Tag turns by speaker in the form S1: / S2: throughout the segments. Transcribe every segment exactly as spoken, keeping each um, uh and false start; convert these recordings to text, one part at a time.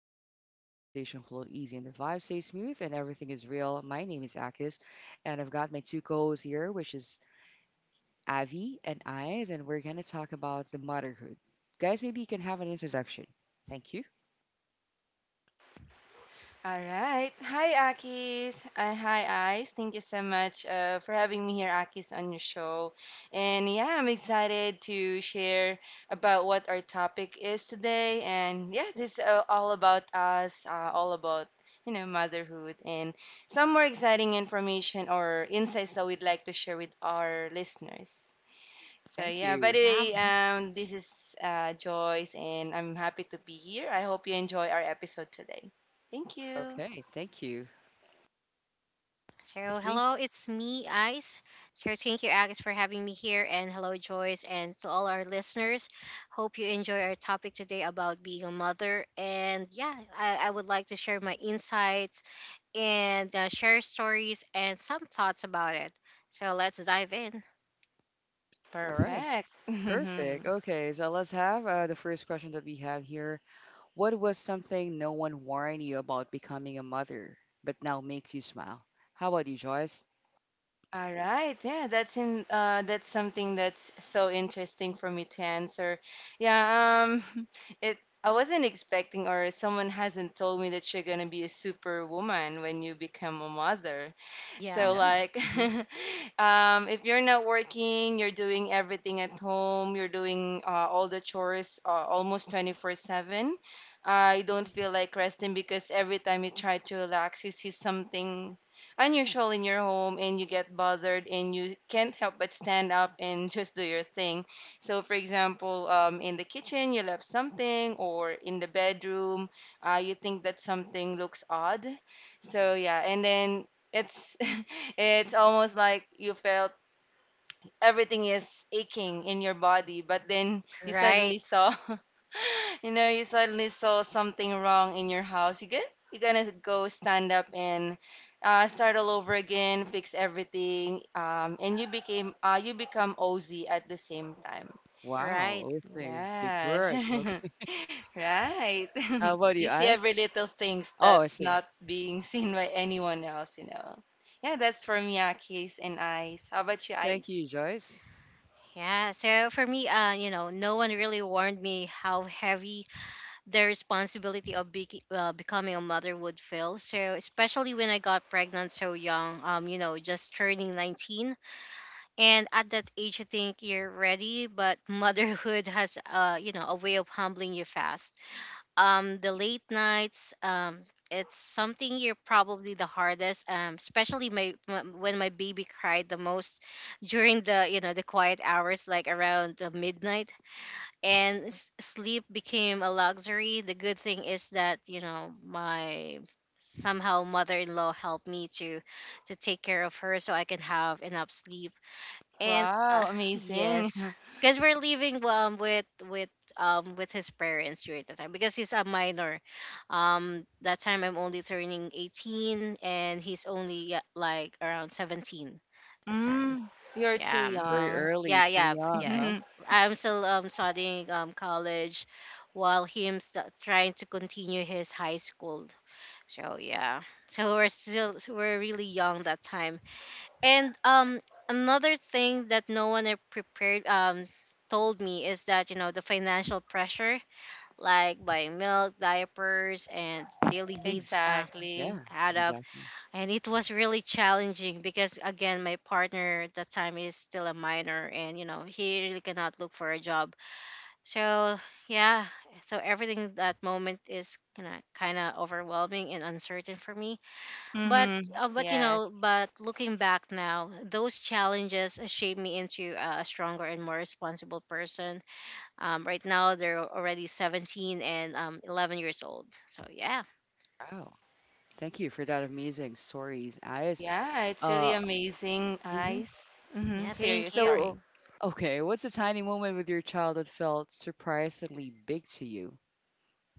S1: a chill zone where conversation flow easy and the vibe stays smooth and everything is real. My name is Akis, and I've got my two co-hosts here, which is Avi and Eyes, and we're gonna talk about the motherhood. Guys, maybe you can have an introduction. Thank you.
S2: All right. Hi, Akis. Uh, hi, Ice. Thank you so much uh, for having me here, Akis, on your show. And yeah, I'm excited to share about what our topic is today. And yeah, this is uh, all about us, uh, all about, you know, motherhood and some more exciting information or insights that we'd like to share with our listeners. So
S1: Thank
S2: yeah, by the
S1: you.
S2: way,
S3: Um,
S1: Mhm.
S2: um, this is uh, Joyce, and I'm happy to be here. I hope you enjoy our episode today. Thank you.
S1: Okay, thank you.
S3: so
S1: Yes,
S3: hello,
S1: please.
S3: it's me, Ice. So thank you, Agnes, for having me here, and hello, Joyce, and to all our listeners. Hope you enjoy our topic today about being a mother. And yeah, I, I would like to share my insights and uh, share stories and some thoughts about it. So let's dive in.
S1: All right.
S2: Perfect.
S1: Perfect. Okay, so let's have uh, the first question that we have here. What was something no one warned you about becoming a mother, but now makes you smile? How about you, Joyce?
S2: All right. Yeah, that's in uh that's something that's so interesting for me to answer. Yeah, um it I wasn't expecting or someone hasn't told me that you're gonna be a superwoman when you become a mother.
S3: Yeah,
S2: So
S1: Yeah.
S2: like
S1: Hmm.
S2: um if you're not working, you're doing everything at home, you're doing uh, all the chores uh, almost twenty-four seven. I don't feel like resting because every time you try to relax, you see something unusual in your home and you get bothered and you can't help but stand up and just do your thing. So, for example, um, in the kitchen, you left something, or in the bedroom, uh, you think that something looks odd. So, yeah, and then it's it's almost like you felt everything is aching in your body, but then you
S3: right,
S2: suddenly saw, you know, you suddenly saw something wrong in your house. You get, you're gonna go stand up and uh, start all over again, fix everything, um, and you became, uh, you become OZ at the same time.
S1: Wow.
S3: right.
S1: Also, big
S2: Yes,
S1: word. Okay.
S2: right.
S1: How about
S2: You
S1: you,
S2: see every
S1: eyes?
S2: little things
S1: Oh, I
S2: that's
S1: see.
S2: not being seen by anyone else, you know. Yeah, that's for me, Akis and Ice. How about you,
S1: Thank you,
S2: Ice?
S1: Joyce.
S3: Yeah, so for me, uh, you know, no one really warned me how heavy the responsibility of be- uh, becoming a mother would feel. So especially when I got pregnant so young, um, you know, just turning nineteen. And at that age, you think you're ready, but motherhood has, uh, you know, a way of humbling you fast. Um, the late nights, um, it's something you're probably the hardest, um, especially my, my when my baby cried the most during the you know the quiet hours, like around the midnight and s- sleep became a luxury. The good thing is that you know my somehow mother-in-law helped me to to take care of her so I can have enough sleep. And
S2: Wow,
S3: uh,
S2: amazing.
S3: yes, because we're living um with with um with his parents during the time because he's a minor. Um, that time I'm only turning eighteen and he's only, yeah, like around seventeen that time.
S2: Mm, you're too
S3: Yeah.
S1: Very
S2: young.
S1: early,
S3: Yeah,
S1: too
S3: yeah,
S1: young,
S3: yeah.
S1: huh?
S3: I'm still um studying um college while him st- trying to continue his high school. So yeah. So we're still so we're really young that time. And um another thing that no one are prepared um told me is that you know the financial pressure like buying milk, diapers and daily
S1: Mm,
S3: needs uh,
S2: Exactly.
S1: yeah,
S3: add up,
S1: exactly.
S3: and it was really challenging because again my partner at the time is still a minor and you know he really cannot look for a job, so yeah. So everything that moment is kind of kind of overwhelming and uncertain for me, but
S2: Mm-hmm.
S3: uh, but you know
S2: Yes.
S3: but looking back now, those challenges shaped me into a a stronger and more responsible person. Um, right now they're already seventeen and, um, eleven years old, so yeah.
S1: Wow. Thank you for that amazing stories, eyes.
S2: Yeah, it's really
S1: Uh,
S2: amazing,
S1: hmm.
S2: Ice, mm-hmm,
S3: Yeah,
S2: to hear your
S3: thank you.
S2: story.
S1: So, okay, what's a tiny moment with your child that felt surprisingly big to you,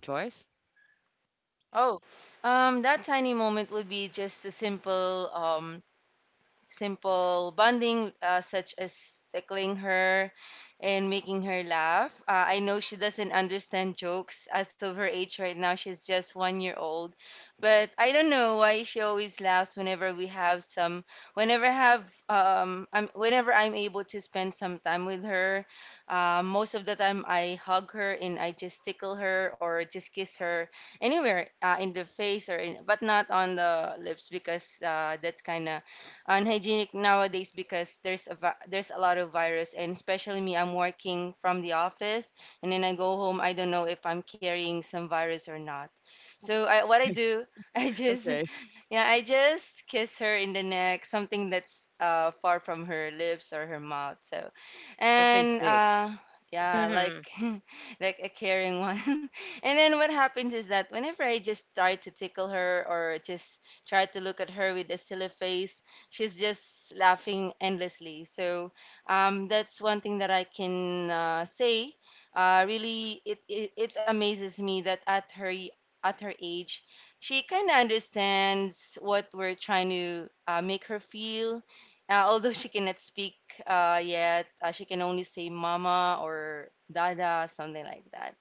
S1: Joyce?
S2: Oh, um, that tiny moment would be just a simple um, simple bonding, uh, such as tickling her and making her laugh. Uh, I know she doesn't understand jokes as of her age right now. She's just one year old. But I don't know why she always laughs whenever we have some, whenever I have, um, I'm, whenever I'm able to spend some time with her. Uh, most of the time I hug her and I just tickle her or just kiss her anywhere uh, in the face or in, but not on the lips because uh, that's kind of unhygienic nowadays because there's a vi- there's a lot of virus, and especially me, I'm working from the office and then I go home. I don't know if I'm carrying some virus or not, so I, what I do, I just
S1: Okay,
S2: yeah, I just kiss her in the neck, something that's uh far from her lips or her mouth. So,
S1: something
S2: and
S1: safe.
S2: uh yeah,
S3: Hmm.
S2: like like a caring one. And then what happens is that whenever I just try to tickle her or just try to look at her with a silly face, she's just laughing endlessly. So, um that's one thing that I can uh, say. Uh really it, it it amazes me that at her at her age she kind of understands what we're trying to uh, make her feel. Uh, although she cannot speak uh, yet, uh, she can only say mama or dada, something like that.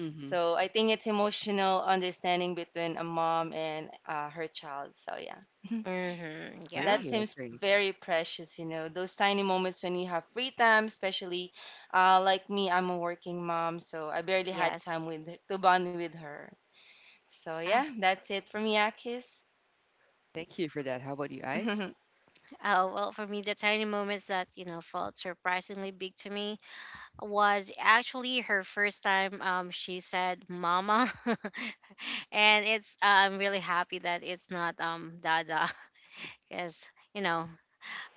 S1: Mm-hmm.
S2: So I think it's emotional understanding between a mom and uh, her child. So yeah,
S3: Hmm. Yeah.
S2: that
S1: Great,
S2: seems
S1: great.
S2: very precious, you know, those tiny moments when you have free time, especially uh, like me, I'm a working mom, so I barely had
S3: Yes.
S2: time with to bond with her. So
S3: Uh,
S2: yeah, that's it for me, Akis.
S1: Thank you for that. How about you, eyes?
S3: oh, well, for me, the tiny moments that, you know, felt surprisingly big to me was actually her first time, um, she said mama. And it's, uh, I'm really happy that it's not, um, dada. Because, you know,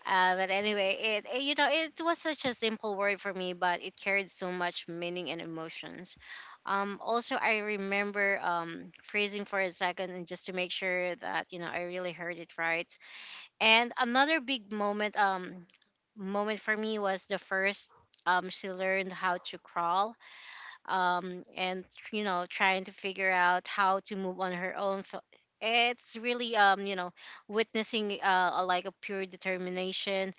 S3: uh, but anyway, it, it, you know, it was such a simple word for me, but it carried so much meaning and emotions. Um, also, I remember um, freezing for a second and just to make sure that, you know, I really heard it right. And another big moment um moment for me was the first, um she learned how to crawl, um and you know trying to figure out how to move on her own. F- It's really, um you know, witnessing uh a- like a pure determination.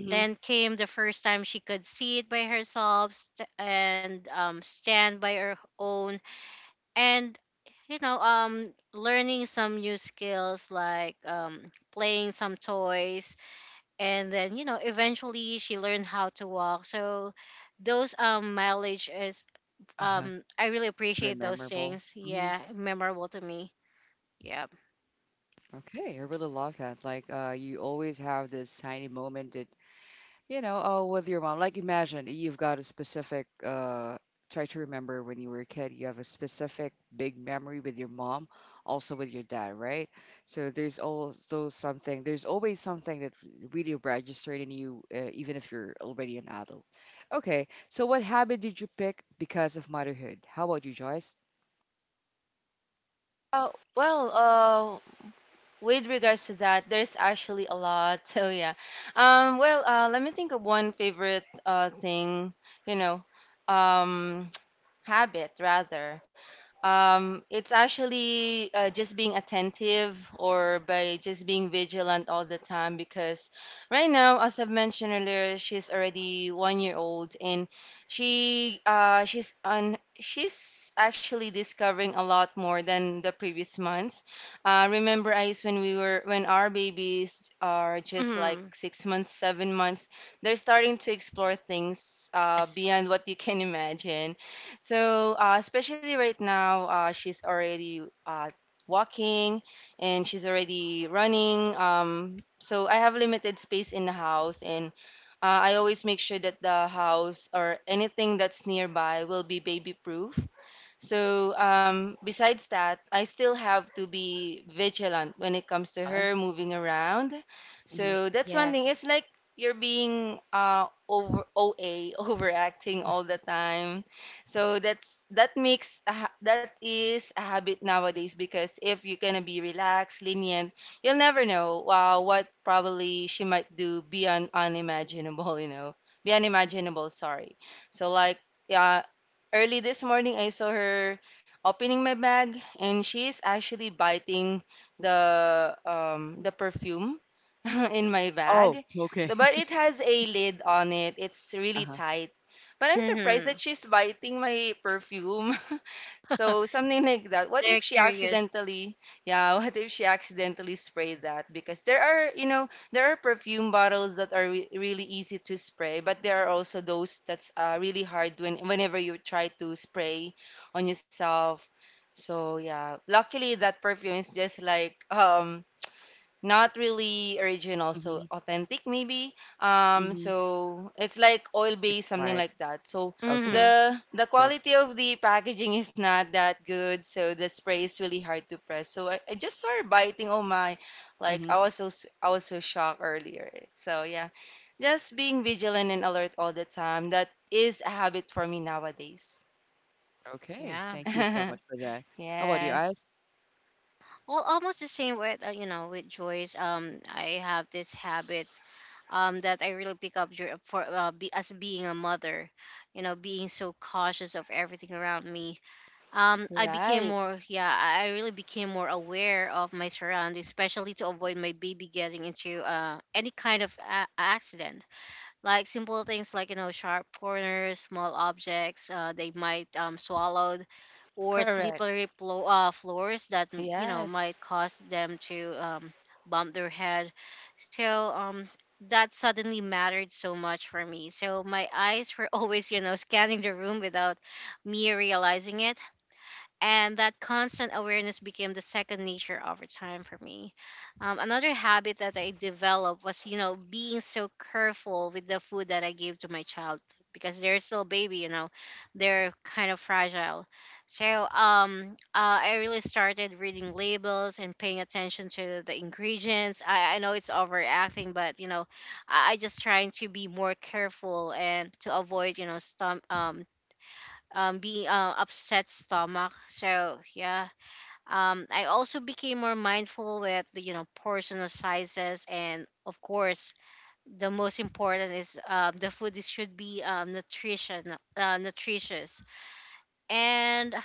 S1: Mm-hmm.
S3: Then came the first time she could see it by herself, st- and um stand by her own, and you know, um learning some new skills like, um playing some toys, and then you know eventually she learned how to walk. So those, um mileage is,
S1: Uh-huh.
S3: um I really
S1: Very
S3: appreciate those
S1: memorable.
S3: things.
S1: Mm-hmm.
S3: Yeah, memorable to me. Yeah.
S1: Okay, I really love that. Like, uh, you always have this tiny moment that, you know, oh, with your mom. Like, imagine you've got a specific, uh, try to remember when you were a kid, you have a specific big memory with your mom, also with your dad, right? So there's also something, there's always something that really registered in you, uh, even if you're already an adult. Okay, so what habit did you pick because of motherhood? How about you, Joyce?
S2: Uh, well, uh, with regards to that, there's actually a lot. So yeah. Um, well, uh, let me think of one favorite uh thing, you know. Um, habit rather, um it's actually uh, just being attentive or by just being vigilant all the time because right now, as I've mentioned earlier, she's already one year old, and she uh she's on she's actually discovering a lot more than the previous months. Uh, remember, Ice, when we were when our babies are just like
S3: Mm-hmm.
S2: six months, seven months, they're starting to explore things uh
S3: Yes.
S2: beyond what you can imagine. So, uh, especially right now, uh, she's already uh, walking and she's already running. Um, so, I have limited space in the house, and uh, I always make sure that the house or anything that's nearby will be baby proof. So, um, besides that, I still have to be vigilant when it comes to
S1: Huh?
S2: her moving around.
S1: Hmm.
S2: So, that's one thing.
S3: Yes.
S2: It's like you're being uh, over O A, overacting all the time. So, that's that makes a ha- that is a habit nowadays, because if you're gonna be relaxed, lenient, you'll never know uh, what probably she might do beyond unimaginable, you know, beyond imaginable, sorry. So, like, yeah, early this morning, I saw her opening my bag, and she is actually biting the um, the perfume in my bag.
S1: Oh, okay.
S2: So, but it has a lid on it. It's really
S1: Uh-huh.
S2: tight. But I'm surprised
S3: Mm-hmm.
S2: that she's biting my perfume. So something like that. What
S3: They're
S2: if she
S3: curious.
S2: accidentally, yeah, what if she accidentally sprayed that? Because there are, you know, there are perfume bottles that are re- really easy to spray, but there are also those that's uh, really hard when whenever you try to spray on yourself. So yeah, luckily that perfume is just like um not really original, so
S1: Mm-hmm.
S2: authentic maybe. Um,
S1: Mm-hmm.
S2: so it's like oil
S1: It's
S2: based, something
S1: like,
S2: like that. So
S3: Mm-hmm.
S1: okay.
S2: the the
S1: So,
S2: quality of the packaging is not that good, so the spray is really hard to press. So I, I just started biting. Oh my, like
S1: mm-hmm.
S2: I was so s- I was so shocked earlier. So yeah, just being vigilant and alert all the time. That is a habit for me nowadays.
S1: Okay.
S3: Yeah,
S1: Thank you so much for that. How about you, eyes?
S2: Yes,
S3: well, almost the same with, uh, you know, with Joyce. Um, I have this habit um that I really pick up dur- for uh, be, as being a mother. You know, being so cautious of everything around me, um i became
S2: right,
S3: more yeah i I really became more aware of my surroundings, especially to avoid my baby getting into uh, any kind of a- accident, like simple things like you know sharp corners, small objects uh, they might, um, swallowed, or
S2: correct.
S3: slippery plo- uh, floors that, mm, you know,
S2: Yes,
S3: might cause them to, um, bump their head. So um that suddenly mattered so much for me. So my eyes were always you know scanning the room without me realizing it, and that constant awareness became the second nature over time for me. Um, another habit that I developed was, you know, being so careful with the food that I gave to my child, because they're still baby, you know, they're kind of fragile. So um, uh, I really started reading labels and paying attention to the ingredients. I, I know it's overacting, but you know, I, I just trying to be more careful and to avoid, you know, stom- um, um being, uh, upset stomach, so yeah. Um, I also became more mindful with the, you know, portion sizes, and of course the most important is, um, the food is, should be, um, nutrition uh, nutritious. And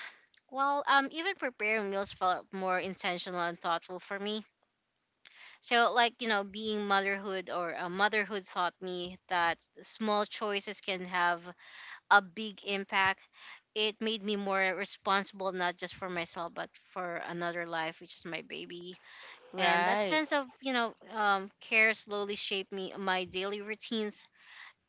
S3: well, um even preparing meals felt more intentional and thoughtful for me. So like you know being motherhood or, uh, motherhood taught me that small choices can have a big impact. It made me more responsible, not just for myself, but for another life, which is my baby. And that
S2: right.
S3: sense of, you know, um, care slowly shaped me, my daily routines.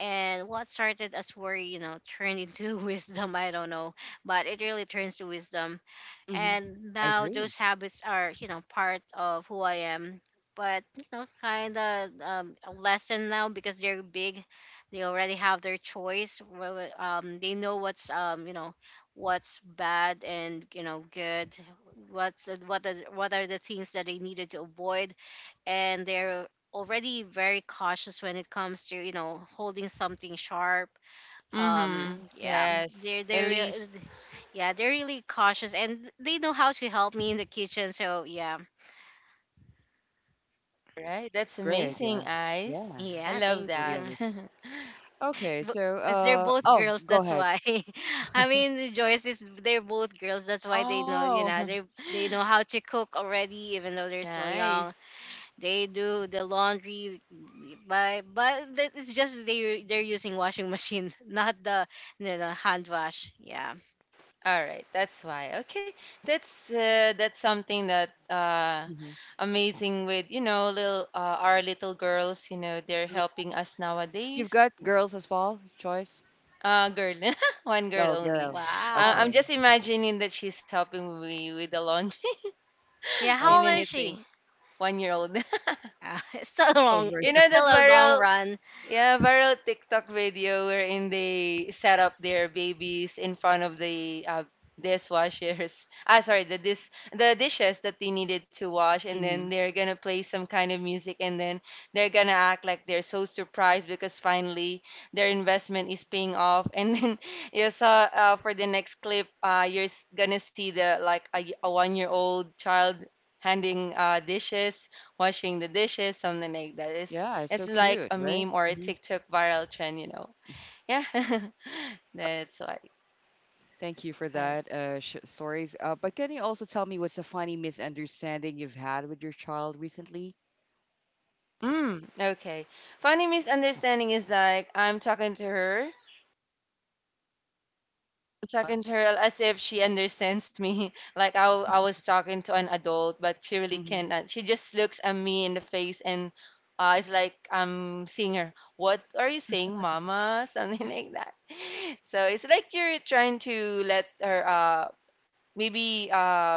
S3: And what started as worry, you know, turned into wisdom. I don't know, but it really turns to wisdom.
S1: Mm-hmm.
S3: And
S1: I
S3: now
S1: agree.
S3: those habits are you know part of who I am, but you know kind of, um, a lesson now because they're big. They already have their choice. Wh- wh- um, they know what's, um, you know, what's bad and you know good, what's uh, what are, what are the things that they needed to avoid, and they're already very cautious when it comes to you know holding something sharp.
S2: Mm-hmm.
S3: um yeah
S2: Yes,
S3: they're
S2: at
S3: they're real
S2: least,
S3: yeah, they're really cautious and they know how to help me in the kitchen. So yeah.
S2: right?
S1: It's
S2: That's
S1: great. Yeah.
S2: amazing, Ice.
S1: Yeah.
S2: I
S3: Yeah,
S1: That
S2: love
S1: was
S3: thank
S1: really
S3: you.
S2: that.
S1: obvious. Okay. So,
S3: Because they're
S1: uh,
S3: both
S1: oh,
S3: girls,
S1: go
S3: that's
S1: ahead.
S3: why. I mean, Joyce is, they're both girls, that's why they know. You
S2: Oh,
S3: know, they they know how to cook already, even though they're still young.
S2: nice.
S3: They do the laundry, but but that- it's just they they're using washing machine, not the you know, hand wash. Yeah.
S2: All right, that's why. Okay, that's uh, that's something that uh,
S1: Mm-hmm.
S2: amazing with, you know, little uh, our little girls. You know, they're
S3: Yeah.
S2: helping us
S1: You've
S2: nowadays.
S1: got girls as well, choice?
S2: Uh, girl, one girl
S1: Oh,
S2: only.
S1: girl.
S2: Uh,
S3: Wow.
S2: I'm
S1: Okay.
S2: just imagining that she's helping me with the laundry
S3: Yeah.
S1: Oh,
S2: and
S3: How old is
S2: anything.
S3: she?
S2: One year old.
S3: Uh, it's still a long.
S1: over.
S2: You
S3: It's
S2: know that
S3: still a long
S2: viral,
S3: run.
S2: yeah, viral TikTok video wherein they set up their babies in front of the uh, dishwashers. Ah, sorry, the dis the dishes that they needed to wash, and then
S1: Mm-hmm.
S2: they're gonna play some kind of music, and then they're gonna act like they're so surprised because finally their investment is paying off. And then you saw uh, for the next clip, uh, you're s- gonna see the like a, y- a one-year-old child handing uh, dishes, washing the dishes, something like that. It's
S1: Yeah, it's
S2: it's
S1: so
S2: like
S1: cute,
S2: a
S1: right?
S2: meme or a
S1: Hmm.
S2: TikTok viral trend, you know. Yeah, that's why.
S1: Thank you for
S2: Alright.
S1: that uh, sh stories. Uh, but can you also tell me what's a funny misunderstanding you've had with your child recently?
S2: Mm, okay. Funny misunderstanding is like I'm talking to her, talking to her as if she understands me. Like I, w- I was talking to an adult, but she really
S1: Mm-hmm.
S2: can't. uh, She just looks at me in the face and uh, it's like I'm seeing her. What are you saying, mama? Something like that. So it's like you're trying to let her uh, maybe uh,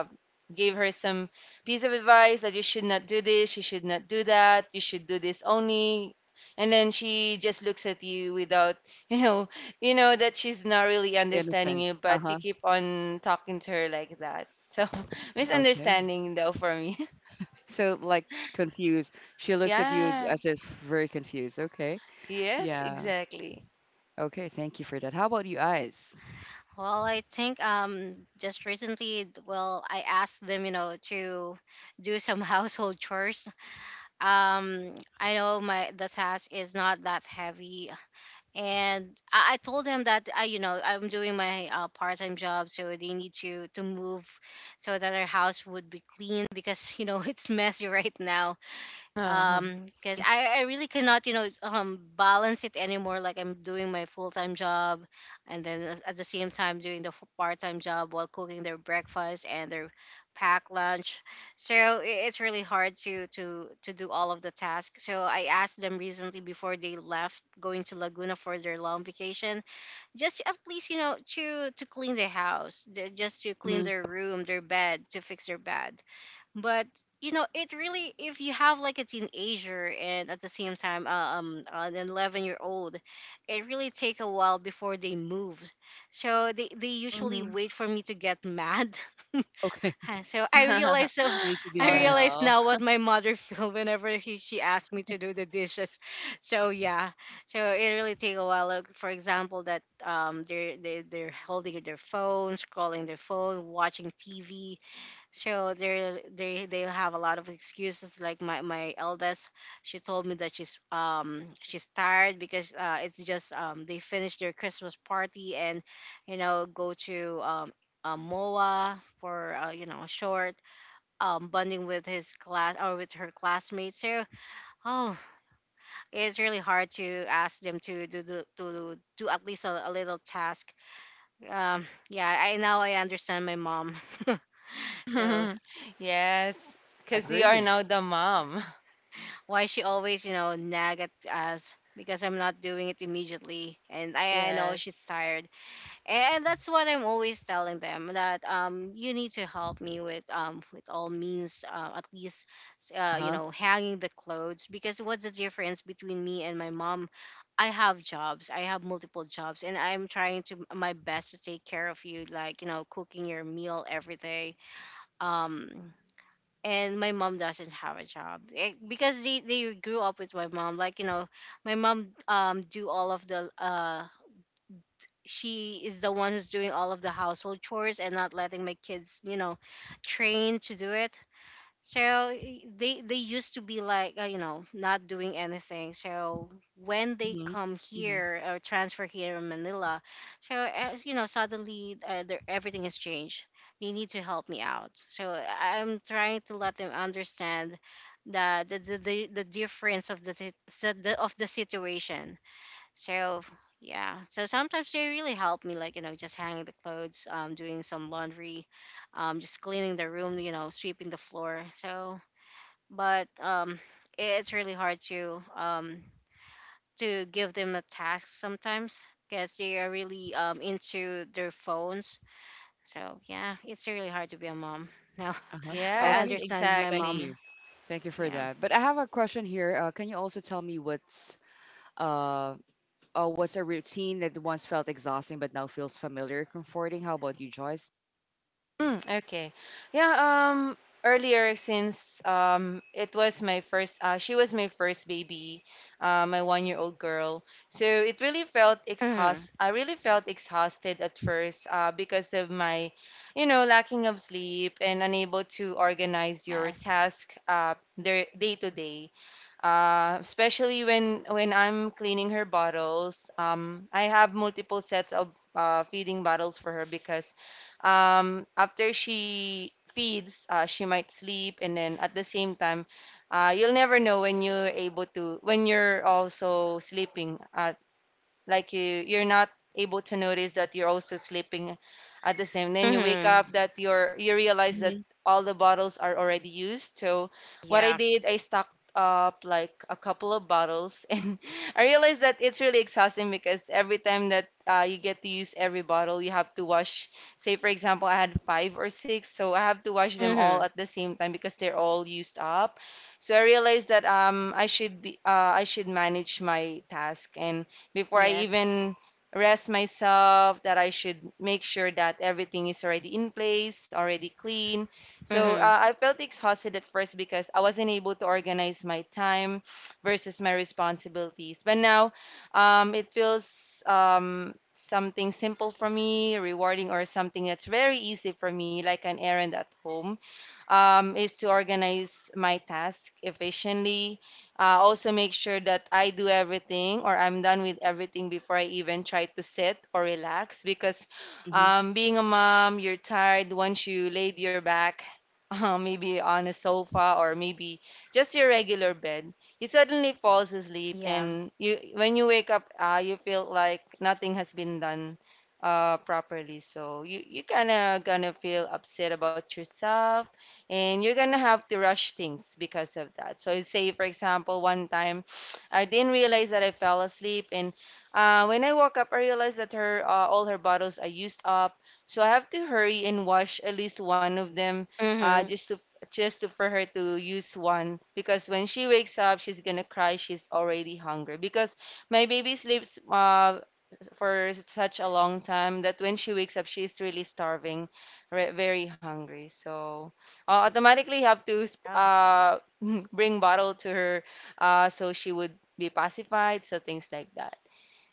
S2: gave her some piece of advice that you should not do this, you should not do that, you should do this only. And then she just looks at you without, you know, you know that she's not really understanding you,
S1: Innocence.
S2: but you
S1: Uh-huh.
S2: keep on talking to her like that. So
S1: Okay.
S2: misunderstanding though for me.
S1: So like confused. She looks at you as,
S2: Yeah.
S1: as if very confused. Okay.
S2: Yes,
S1: Yeah.
S2: exactly.
S1: Okay. Thank you for that. How about you, eyes?
S3: Well, I think um just recently, well, I asked them, you know, to do some household chores. Um, I know my the task is not that heavy, and I, I told them that I, you know, I'm doing my, uh, part-time job, so they need to to move so that our house would be clean because you know it's messy right now,
S2: Oh,
S3: um because I, I really cannot you know um balance it anymore, like I'm doing my full-time job and then at at the same time doing the f- part-time job while cooking their breakfast and their packed lunch. So i- it's really hard to to to do all of the tasks. So I asked them recently before they left going to Laguna for their long vacation, just to at least you know to to clean the house, the- just to clean their
S1: Mm-hmm.
S3: room, their bed, to fix their bed. But you know it really, if you have like a teenager and at the same time, uh, um uh, an eleven year old, it really take a while before they move. So they, they usually
S1: Mm-hmm.
S3: wait for me to get mad.
S1: Okay.
S3: So I realize so
S1: You need to be
S3: I
S2: oh
S1: matched.
S3: realize
S2: no.
S3: now what my mother feel whenever he, she asked me to do the dishes. So yeah. So it really take a while, like for example that, um they're they, they're holding their phone, scrolling their phone, watching TV. So they they they have a lot of excuses. Like my my eldest, she told me that she's, um she's tired because uh it's just, um they finished their Christmas party and you know go to, um. Uh, Moa for, uh, you know short, um, bonding with his class or with her classmates. So oh, it's really hard to ask them to do do, to do at least a, a little task. Um, yeah, I now I understand my mom. So
S2: Yes, because you are
S1: Agree.
S2: now the mom.
S3: why she always, you know, nag at us because I'm not doing it immediately. And I, I know she's
S2: Yes.
S3: tired. And that's what I'm always telling them that um you need to help me with um with all means, uh, at least
S1: Uh
S3: uh, you
S1: huh.
S3: know hanging the clothes. Because what's the difference between me and my mom? I have jobs. I have multiple jobs and I'm trying to my best to take care of you, like, you know, cooking your meal every day. Um and my mom doesn't have a job, Eh, because they, they grew up with my mom like you know my mom um do all of the uh she is the one who's doing all of the household chores and not letting my kids you know train to do it. So y- they they used to be like uh, you know not doing anything. So when they
S1: Mm-hmm.
S3: come
S1: Mm-hmm.
S3: here or transfer here in Manila, so as you know, suddenly, uh, their- everything has changed. They need to help me out. So I- I'm trying to let them understand the the the, the, the difference of the, sit- si- the of the situation. So yeah, so sometimes they really help me, like you know, just hanging the clothes, um, doing some laundry, um, just cleaning the room, you know, sweeping the floor. So, but um, it's really hard to um to give them a task sometimes because they are really um into their phones. So yeah, it's really hard to be a mom. Now
S1: Uh huh.
S3: I
S2: Yes,
S1: Okay.
S3: understand my
S1: Thank
S3: mom.
S2: exactly.
S1: you. Thank you for
S3: Yeah.
S1: that. But I have a question here. Uh, can you also tell me what's uh oh what's a routine that once felt exhausting but now feels familiar, comforting? How about you, Joyce?
S2: Mm, okay. Yeah, um earlier, since um it was my first uh she was my first baby, uh my one-year-old girl. So it really felt
S3: Mm-hmm.
S2: exhaust I really felt exhausted at first uh because of my, you know, lacking of sleep and unable to organize your
S3: Yes.
S2: task uh their day to day. Uh, especially when when I'm cleaning her bottles. Um, I have multiple sets of uh, feeding bottles for her because um, after she feeds, uh, she might sleep, and then at the same time, uh, you'll never know when you're able to when you're also sleeping. Uh, like you you're not able to notice that you're also sleeping at the same then you wake
S3: Mm-hmm.
S2: up that you're you realize that
S1: Mm-hmm.
S2: all the bottles are already used. So what I
S3: Yeah.
S2: did, I stocked up like a couple of bottles and I realized that it's really exhausting because every time that uh, you get to use every bottle you have to wash. Say for example I had five or six, so I have to wash them all
S3: Mm-hmm.
S2: at the same time because they're all used up. So I realized that um I should be uh, I should manage my task, and before I
S3: Yes.
S2: even rest myself, that I should make sure that everything is already in place, already clean. So uh,
S3: Mm-hmm.
S2: I felt exhausted at first because I wasn't able to organize my time versus my responsibilities. But now um, it feels um, something simple for me, rewarding, or something that's very easy for me, like an errand at home, um, is to organize my task efficiently. Uh, also, make sure that I do everything or I'm done with everything before I even try to sit or relax because
S1: Mm-hmm.
S2: um, being a mom, you're tired once you laid your back. Uh, maybe on a sofa or maybe just your regular bed, you suddenly falls asleep
S3: Yeah.
S2: and you when you wake up, uh, you feel like nothing has been done uh, properly, so you you kind of gonna feel upset about yourself and you're gonna have to rush things because of that. So say for example, one time I didn't realize that I fell asleep, and uh, when I woke up, I realized that her uh, all her bottles are used up. So I have to hurry and wash at least one of them, uh,
S3: Mm-hmm.
S2: just to just to, for her to use one, because when she wakes up, she's gonna cry. She's already hungry because my baby sleeps uh, for such a long time that when she wakes up, she's really starving, re- very hungry. So uh, automatically have to sp-
S3: Um,
S2: uh, bring bottle to her, uh, so she would be pacified. So things like that.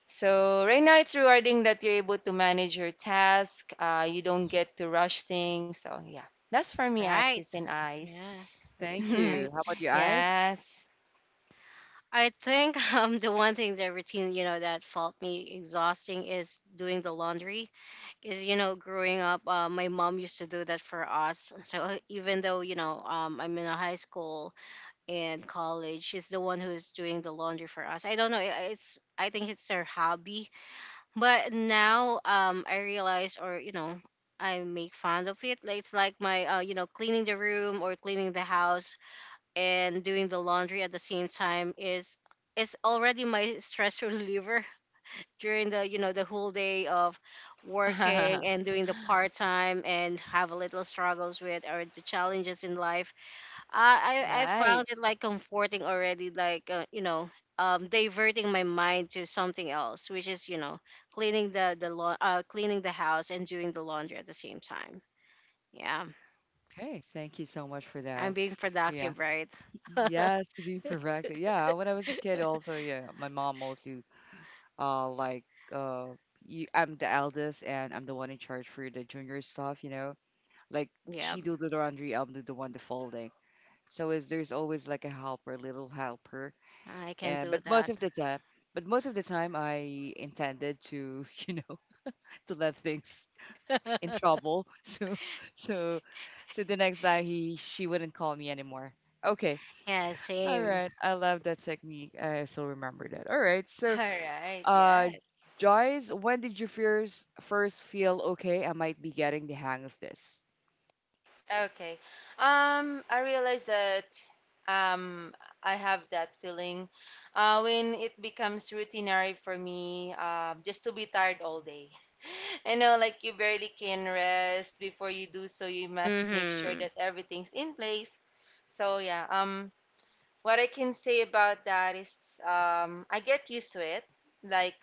S2: So right now it's rewarding that you're able to manage your task, uh, you don't get to rush things. So yeah, that's for me,
S3: right.
S2: Akis and Eyes.
S3: Yeah, that's
S1: Thank
S3: right.
S1: you. How about you, eyes?
S2: Yes.
S3: I think um the one thing, the routine, you know, that felt me exhausting is doing the laundry. Is you know, growing up, uh, my mom used to do that for us. So even though you know, um, I'm in a high school and college, she's the one who's doing the laundry for us. I don't know. i- It's I think it's her hobby. But now, um, I realize, or you know, I make fun of it. Like, it's like my, uh, you know, cleaning the room or cleaning the house, and doing the laundry at the same time is is already my stress reliever. During the you know the whole day of
S2: right.
S3: working and doing the part time and have a little struggles with or the challenges in life. I I, I found it like comforting already, like. uh, you know. Um, diverting my mind to something else, which is you know cleaning the the lawn, uh, cleaning the house, and doing the laundry at the same time. Yeah,
S1: Okay. Thank you so much for
S3: I'm
S1: that.
S3: being
S1: Yeah.
S3: productive, right?
S1: Yes, to be perfected. Yeah, when I was a kid, also, yeah, my mom also, uh, like, uh, you, I'm the eldest and I'm the one in charge for the junior stuff, you know. Like
S3: Yeah,
S1: she do the laundry, I'll do the one the folding. So is there's always like a helper, little helper,
S3: I can
S1: and
S3: do
S1: but most
S3: that.
S1: of the time, but most of the time I intended to, you know, to let things in trouble. So, so, so the next time he she wouldn't call me anymore. Okay,
S3: Yeah,
S1: all
S3: same.
S1: right, I love that technique. I still remember that. All right, so
S2: All right.
S1: uh,
S2: Yes.
S1: Joyce, when did you first first feel okay? I might be getting the hang of this.
S2: Okay. Um, I realize that um, I have that feeling uh, when it becomes routinary for me, uh, just to be tired all day. I know, like you barely can rest. Before you do so, you must make sure
S3: Mm-hmm.
S2: that
S3: Uh,
S2: everything's in place. So yeah, um, what I can say about that is, um, I get used to it. Like,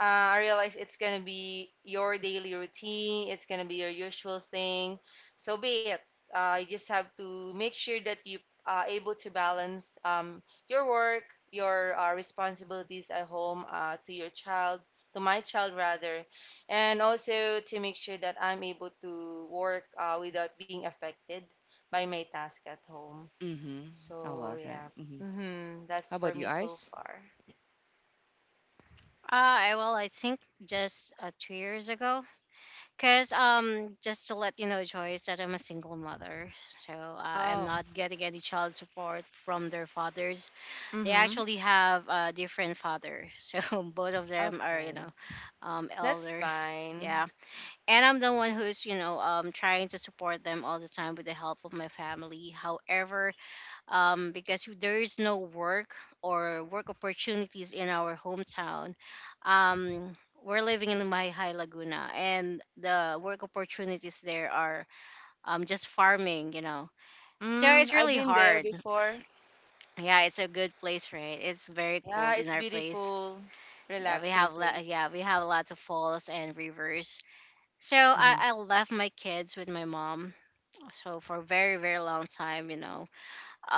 S2: uh, I realize it's going to be your daily routine, it's going to be your usual thing. So be it. Uh, you just have to make sure that you are able to balance um, your work, your uh, responsibilities at home, uh, to your child, to my child rather, and also to make sure that I'm able to work uh, without being affected by my task at home.
S1: Mm-hmm. I
S2: So
S1: love that.
S2: yeah,
S1: Hmm.
S2: hmm, that's
S1: How
S2: for
S1: about you,
S2: me so
S1: Ice?
S2: far.
S3: I- well, I think just uh, two years ago. Because, um, just to let you know, Joyce, that I'm a single mother. So uh, I'm
S2: Oh.
S3: not getting any child support from their fathers. They
S2: Mm-hmm.
S3: actually have a different father. So both of them are, you know,
S2: Okay,
S3: um,
S2: that's
S3: elders.
S2: fine.
S3: Yeah. And I'm the one who's, you know, um, trying to support them all the time with the help of my family. However, um, because there is no work or work opportunities in our hometown. Um, we're living in Mahihai Laguna, and the work opportunities there are um, just farming. you know. So
S2: Mm.
S3: it's
S2: I've
S3: really
S2: been there
S3: hard.
S2: before.
S3: Yeah, it's a good place, right? It's very
S2: Yeah,
S3: cold in
S2: it's
S3: our place.
S2: beautiful,
S3: Yeah, we
S2: relaxing
S3: have lo-
S2: place.
S3: yeah we have lots of falls and rivers. So I,
S1: Mm-hmm.
S3: I left my kids with my mom. So for a very very long time, you know,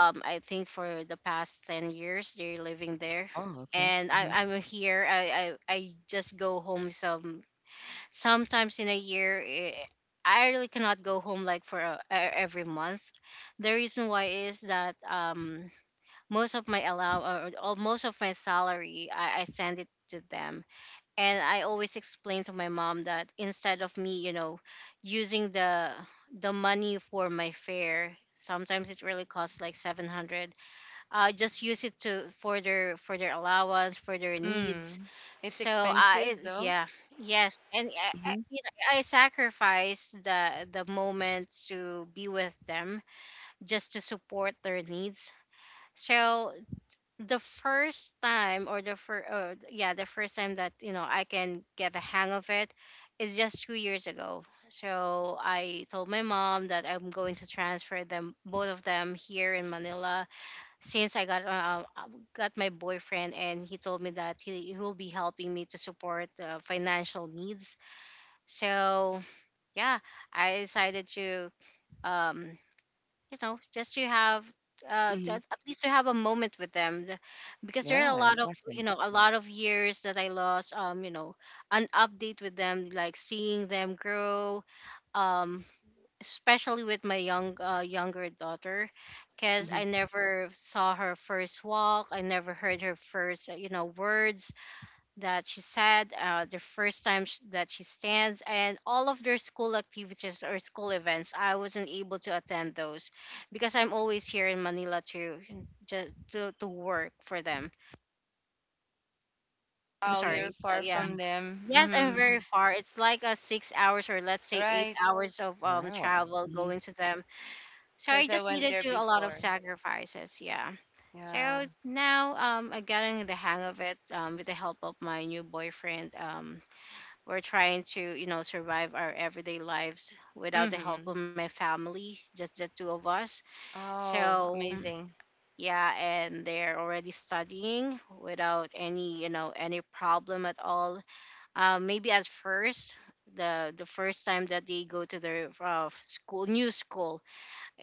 S3: um I think for the past ten years they're living there,
S1: Oh, okay.
S3: and I,
S1: Hmm.
S3: I'm here. I, I I just go home some sometimes in a year. eh, I really cannot go home like for a, e- every month. The reason why is that um most of my allow or, or most of my salary I, I send it to them. And I always explain to my mom that instead of me you know using the the money for my fare, sometimes it really costs like seven hundred. Uh, just use it to, for their, for their allowance, for their needs.
S2: Mm. It's
S3: So I,
S2: expensive though.
S3: yeah, yes. And I, I,
S1: Mm-hmm.
S3: you know, I sacrifice the the moments to be with them just to support their needs. So the first time, or the first uh, yeah the first time that you know I can get the hang of it is just two years ago. So I told my mom that I'm going to transfer them, both of them, here in Manila. Since I got uh, uh, got my boyfriend, and he told me that he, he will be helping me to support, uh, financial needs. So yeah, I decided to um you know just to have, uh
S1: Mm-hmm.
S3: just at least, to have a moment with them. The- because there are a
S1: Yeah,
S3: lot of
S1: exactly.
S3: you know a lot of years that I lost, um you know an update with them, like seeing them grow, um especially with my young uh, younger daughter. Because
S1: Mm-hmm.
S3: I never saw her first walk, I never heard her first uh, you know words that she said, uh, the first time sh- that she stands, and all of their school activities or school events I wasn't able to attend those, because I'm always here in Manila, to just to, to work for them. I'm
S2: Oh,
S1: Okay.
S2: you're
S3: sorry. So,
S2: far
S3: yeah,
S2: from
S1: Mm-hmm.
S2: them.
S3: yes, I'm
S2: Mm-hmm.
S3: very
S1: Mm-hmm.
S3: far. It's like a six hours, or let's say eight
S2: Right,
S3: hours of um
S1: Wow.
S3: travel
S1: Hmm.
S3: going to them. So
S2: because
S3: I
S2: I
S3: just
S2: went
S3: needed
S2: there
S3: to do a lot of
S2: before.
S3: sacrifices. Yeah. So
S2: Yeah.
S3: now, um, I'm getting the hang of it, um, with the help of my new boyfriend. Um, we're trying to, you know, survive our everyday lives without the help
S2: Mm-hmm.
S3: of my family, just the two of us. So
S2: Oh, amazing.
S3: yeah, and they're already studying without any, you know, any problem at all. Uh, maybe at first, the the first time that they go to their uh, school, new school,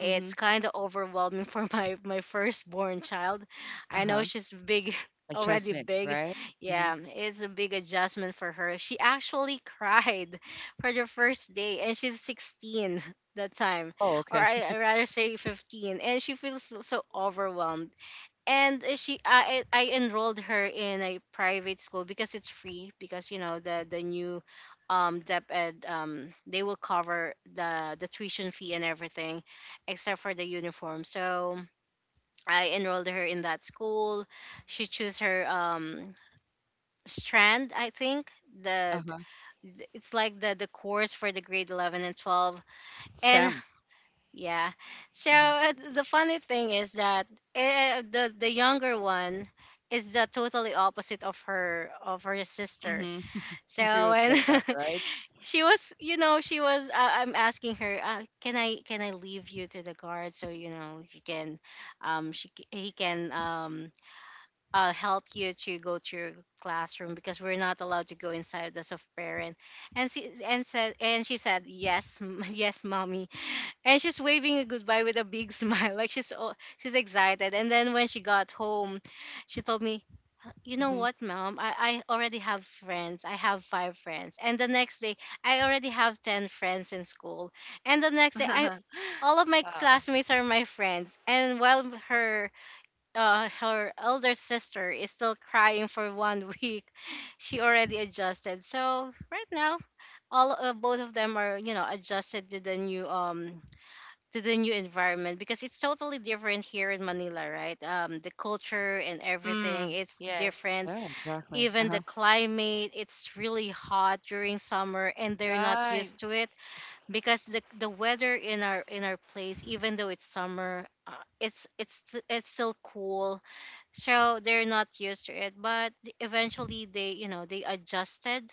S1: Mm-hmm.
S3: kind of overwhelming for my my firstborn child.
S1: Uh
S3: I know
S1: huh.
S3: she's big. Already
S1: Adjustment,
S3: big.
S1: right? Mm-hmm.
S3: Yeah, it's a big adjustment for her. She actually cried for the first day, and she's sixteen that time,
S1: Oh,
S3: or
S1: okay.
S3: I, I rather say fifteen. And she feels so so overwhelmed. And uh, she I I I enrolled her in a private school because it's free, because you know the the new um dep ed, um they will cover the the tuition fee and everything except for the uniform. So I enrolled her in that school. She chose her um strand, I think.
S1: Uh
S3: The
S1: huh.
S3: It's like the the course for the grade eleven and twelve. And
S1: Sam.
S3: yeah. So
S1: Mm-hmm.
S3: uh, th- the funny thing is that, uh, the the younger one is the totally opposite of her of her sister.
S1: Mm-hmm. It
S3: So
S1: was
S3: when
S1: like that, right?
S3: she was, you know, she was. Uh, I'm asking her, uh, can I can I leave you to the guard, so you know she can, um, she c- he can um uh help you to go to your classroom, because we're not allowed to go inside as a parent. And she and said and she said yes, m- yes, mommy. And she's waving a goodbye with a big smile, like she's all, she's excited. And then when she got home, she told me, you know
S1: Mm-hmm.
S3: what, mom, I, I already have friends. I have five friends. And the next day, I already have ten friends in school. And the next day, I all of my
S2: Wow.
S3: classmates are my friends. And while her uh, her elder sister is still crying for one week, she already adjusted. So right now, all uh, both of them are, you know adjusted to the new, um to the new environment. Because it's totally different here in Manila, right? Um, the culture and everything,
S2: Mm.
S3: it's
S2: Yes.
S3: different.
S1: Yeah, exactly. Uh
S3: Even the
S1: huh.
S3: climate, it's really hot during summer, and they're not
S2: Right.
S3: used to it, because the the weather in our, in our place, even though it's summer, uh, it's it's st- it's still cool. So they're not used to it, but eventually, they you know they adjusted.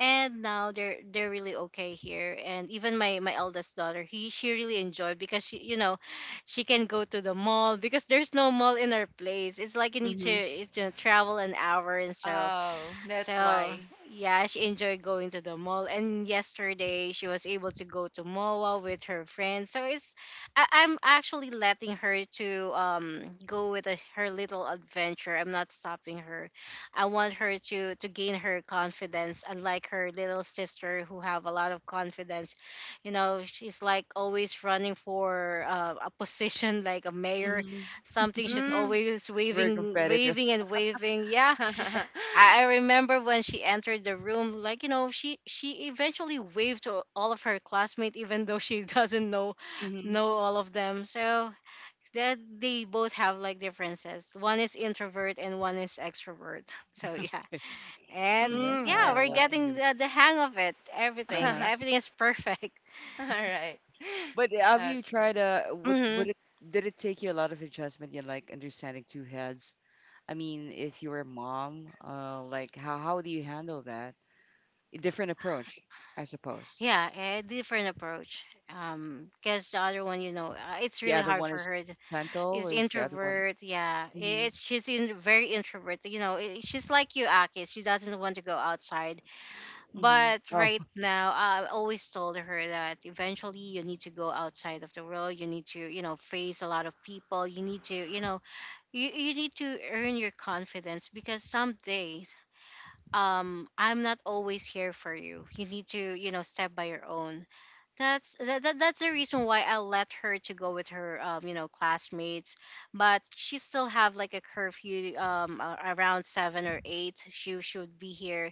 S3: And now they're they're really okay here. And even my my eldest daughter, he she really enjoyed, because she you know she can go to the mall. Because there's no mall in our place, it's like you need to,
S1: Mhm,
S3: it's, you know, travel an hour and so.
S2: Oh, that's
S3: So
S2: why.
S3: yeah, she enjoyed going to the mall. And yesterday she was able to go to MOA with her friends. So it's, I, I'm actually letting her to um go with a, her little adventure. I'm not stopping her. I want her to to gain her confidence, unlike her little sister who have a lot of confidence. You know, she's like always running for uh, a position, like a mayor,
S1: mhm.
S3: something. She's
S2: Mm.
S3: always
S1: Very
S3: waving,
S1: competitive.
S3: waving and waving. Yeah. I I remember when she entered the room, like you know, she she eventually waved to all of her classmates, even though she doesn't know
S1: Mhm.
S3: know all of them. So that they both have like differences. One is introvert and one is extrovert. So yeah. And
S1: Yeah,
S2: Mm,
S3: yeah,
S1: I
S3: we're
S2: that's
S1: love
S2: why.
S1: to hear
S3: getting the, the hang of it.
S1: that.
S3: Everything,
S1: Uh-huh.
S3: everything is perfect.
S2: All right.
S1: But have you tried
S2: Okay.
S1: uh would would
S3: hmm
S1: it did it take you a lot of adjustment in like understanding two heads? I mean, if you're a mom, uh like how how do you handle that? A different approach, I suppose.
S3: Yeah, a different approach. Um, because the other one, you know, uh, it's
S1: The
S3: really
S1: other
S3: hard
S1: one
S3: for
S1: is
S3: her. Is
S1: gentle or is the other one
S3: introvert. Yeah,
S1: Mhm.
S3: it's she's in very introvert. You know, i- she's like you, Akis. She doesn't want to go outside.
S1: Mhm.
S3: But
S1: Oh,
S3: right now, I always told her that eventually you need to go outside of the world. You need to, you know, face a lot of people. You need to, you know, you, you need to earn your confidence because some days, um, I'm not always here for you. You need to, you know, step by your own. That's that, that that's the reason why I let her to go with her um you know classmates, but she still have like a curfew um a- around seven or eight she should be here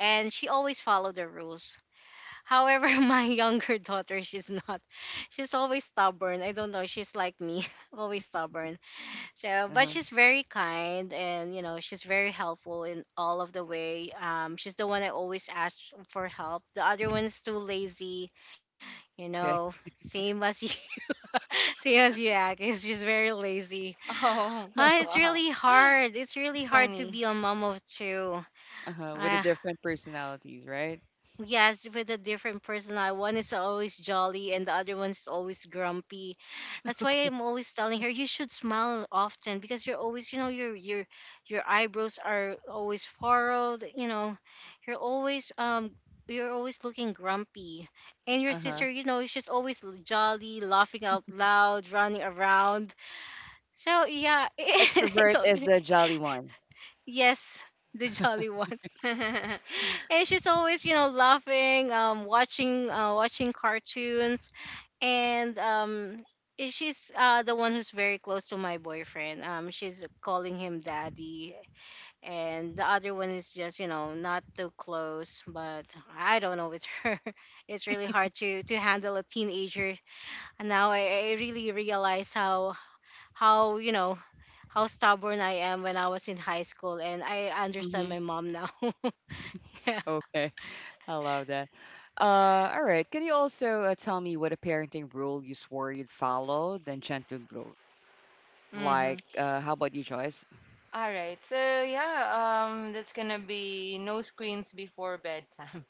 S3: and she always follow the rules. However, my younger daughter she's not, she's always stubborn. I don't know she's like me always stubborn. So but
S1: uh-huh.
S3: she's very kind and you know she's very helpful in all of the way. Um, she's the one I always ask for help. The other one's too lazy, you
S1: Okay.
S3: know, same as you, same as you act. It's just very lazy.
S2: Oh,
S3: Uh, it's
S2: wow.
S3: really hard. It's really
S2: It's
S3: hard to
S2: funny.
S3: be a mom of two.
S1: Uh-huh. With the
S3: Uh,
S1: different personalities, right?
S3: Yes, with a different personality. One is always jolly and the other one's always grumpy. That's why
S1: Okay.
S3: I'm always telling her you should smile often because you're always, you know, your your your eyebrows are always furrowed, you know. You're always um you're always looking grumpy. And your
S1: Uh-huh.
S3: sister, you know, is just always l- jolly, laughing out loud, running around. So yeah, I
S1: Extrovert is
S3: don't.
S1: the jolly one.
S3: Yes, the jolly one, and she's always you know laughing um watching uh watching cartoons and um i- she's uh the one who's very close to my boyfriend, um, she's calling him daddy, and the other one is just you know not too close. But I don't know with her, it's really hard to to handle a teenager. And now i, I really realize how how you know, how stubborn I am when I was in high school, and I understand
S1: Mhm.
S3: my mom now. Yeah.
S1: Okay. I love that. Uh, all right. Can you also uh, tell me what a parenting rule you swore you'd follow, then gentle blow?
S2: Mm-hmm.
S1: Like, uh, how about you, Joyce?
S2: All right. So yeah, um, that's gonna be no screens before bedtime,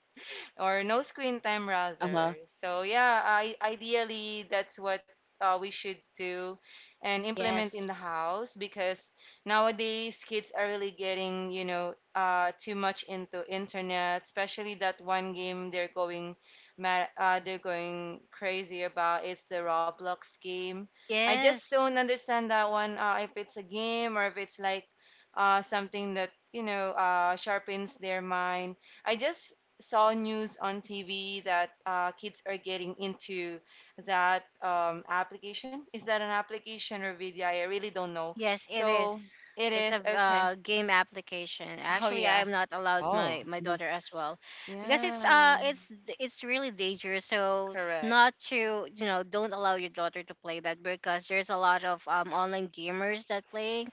S2: or no screen time
S1: Uh huh.
S2: rather. So yeah, I, ideally that's what uh, we should do and implement in
S3: Yes.
S2: the house, because nowadays kids are really getting, you know, uh, too much into internet, especially that one game they're going mad, uh, they're going crazy about. It's the Roblox game. I just
S3: Yes.
S2: don't understand that one. Uh, if it's a game or if it's like uh, something that, you know, uh, sharpens their mind. I just saw news on T V that uh, kids are getting into that um, application. Is that an application or video? I really don't know.
S3: Yes, it
S2: So
S3: is.
S2: it
S3: It's a
S2: is okay.
S3: uh, game application.
S2: Oh
S3: Actually, I
S2: yeah,
S3: am not allowed
S1: Oh,
S3: my my
S1: uh-huh.
S3: daughter as well, because it's
S2: yeah,
S3: uh it's it's really dangerous. So,
S2: correct.
S3: not to, you know, don't allow your daughter to play that because there's a lot of um online gamers that playing,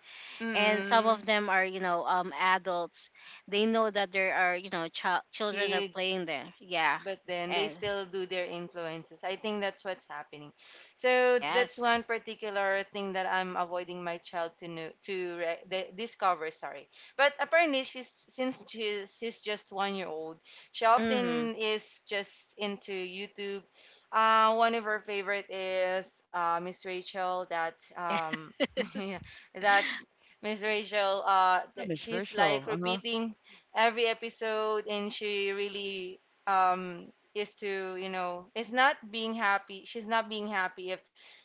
S3: and some
S2: Mm-mm.
S3: of them are, you know, um, adults. They know that there are, you know, child children are
S2: Kids.
S3: playing there. Yeah,
S2: But then they
S3: and
S2: still do their influences. I think that's what's happening. So that's one
S3: yes.
S2: particular thing that I'm avoiding my child to know to re- the, discover. Sorry, but apparently she's since she, she's just one year old, she
S3: Mm-hmm.
S2: often is just into YouTube. Uh, one of her favorite is uh, Miss Rachel. That um, yeah,
S3: Yes.
S2: that Miss Rachel. Uh,
S1: Yeah,
S2: th-
S1: Miss
S2: she's like
S1: Virtual. Uh huh.
S2: repeating every episode, and she really um is to you know is not being happy, she's not being happy if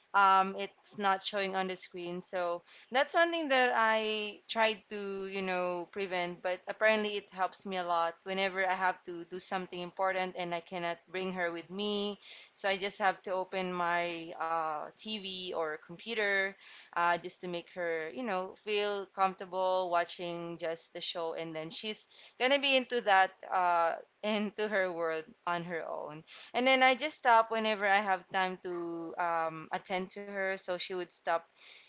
S2: um it's not showing on the screen. So that's one thing that I tried to, you know, prevent, but apparently it helps me a lot whenever I have to do something important and I cannot bring her with me. So I just have to open my uh, TV or computer, uh, just to make her, you know, feel comfortable watching just the show, and then she's gonna be into that, uh, into her world on her own. And then I just stop whenever I have time to um, attend to her, so she would stop.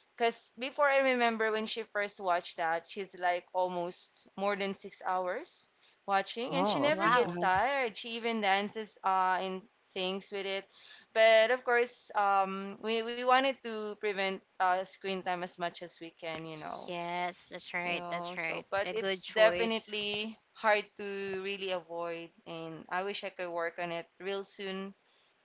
S2: Because before, I remember when she first watched that, she's like almost more than six hours watching, and she
S1: Oh,
S2: never
S3: Wow.
S1: okay. Uh
S2: gets
S1: huh.
S2: tired. She even dances uh, and sings with it. But of course, um, we, we wanted to prevent uh, screen time as much as we can, you know.
S3: Yes, that's right.
S2: You
S3: That's
S2: know,
S3: right.
S2: so
S3: A
S2: but
S3: good
S2: it's
S3: choice.
S2: definitely hard to really avoid, and I wish I could work on it real soon.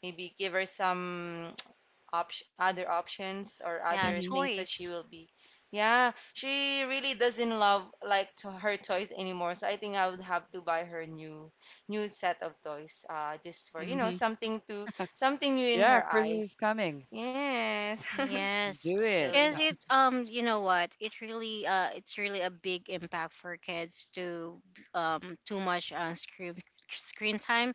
S2: Maybe give her some option, other options or
S3: Yeah,
S2: other
S1: Mhm.
S2: things that she
S3: choice.
S2: will be. Yeah, she really doesn't love like to her toys anymore, so I think I would have to buy her new new set of toys. Uh, just for, you know,
S1: Mhm.
S2: something to, something new in
S1: Yeah,
S2: her
S1: Christmas is
S2: eyes.
S1: coming.
S2: Yes,
S3: Yes,
S1: Do it.
S2: really
S3: because
S2: hard.
S3: it um you know what, it really uh it's really a big impact for kids to b- um too much on screen, screen time.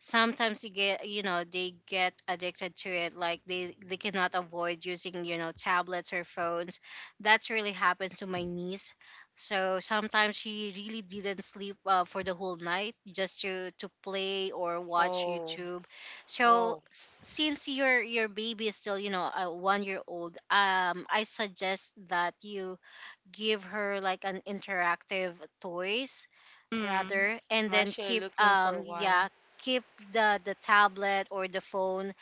S3: Sometimes you get, you know, they get addicted to it like they, they cannot avoid using, you know, tablets or phones. That's really happened to my niece. So sometimes she really didn't sleep uh, for the whole night just to to play or watch
S2: Oh,
S3: YouTube. So
S2: whoa.
S3: s- since your your baby is still, you know, a one year old, um, I suggest that you give her like an interactive toys
S2: Mm.
S3: rather, and
S2: I'm
S3: then
S2: actually
S3: keep
S2: looking for
S3: um yeah
S2: one.
S3: keep the the tablet or the phone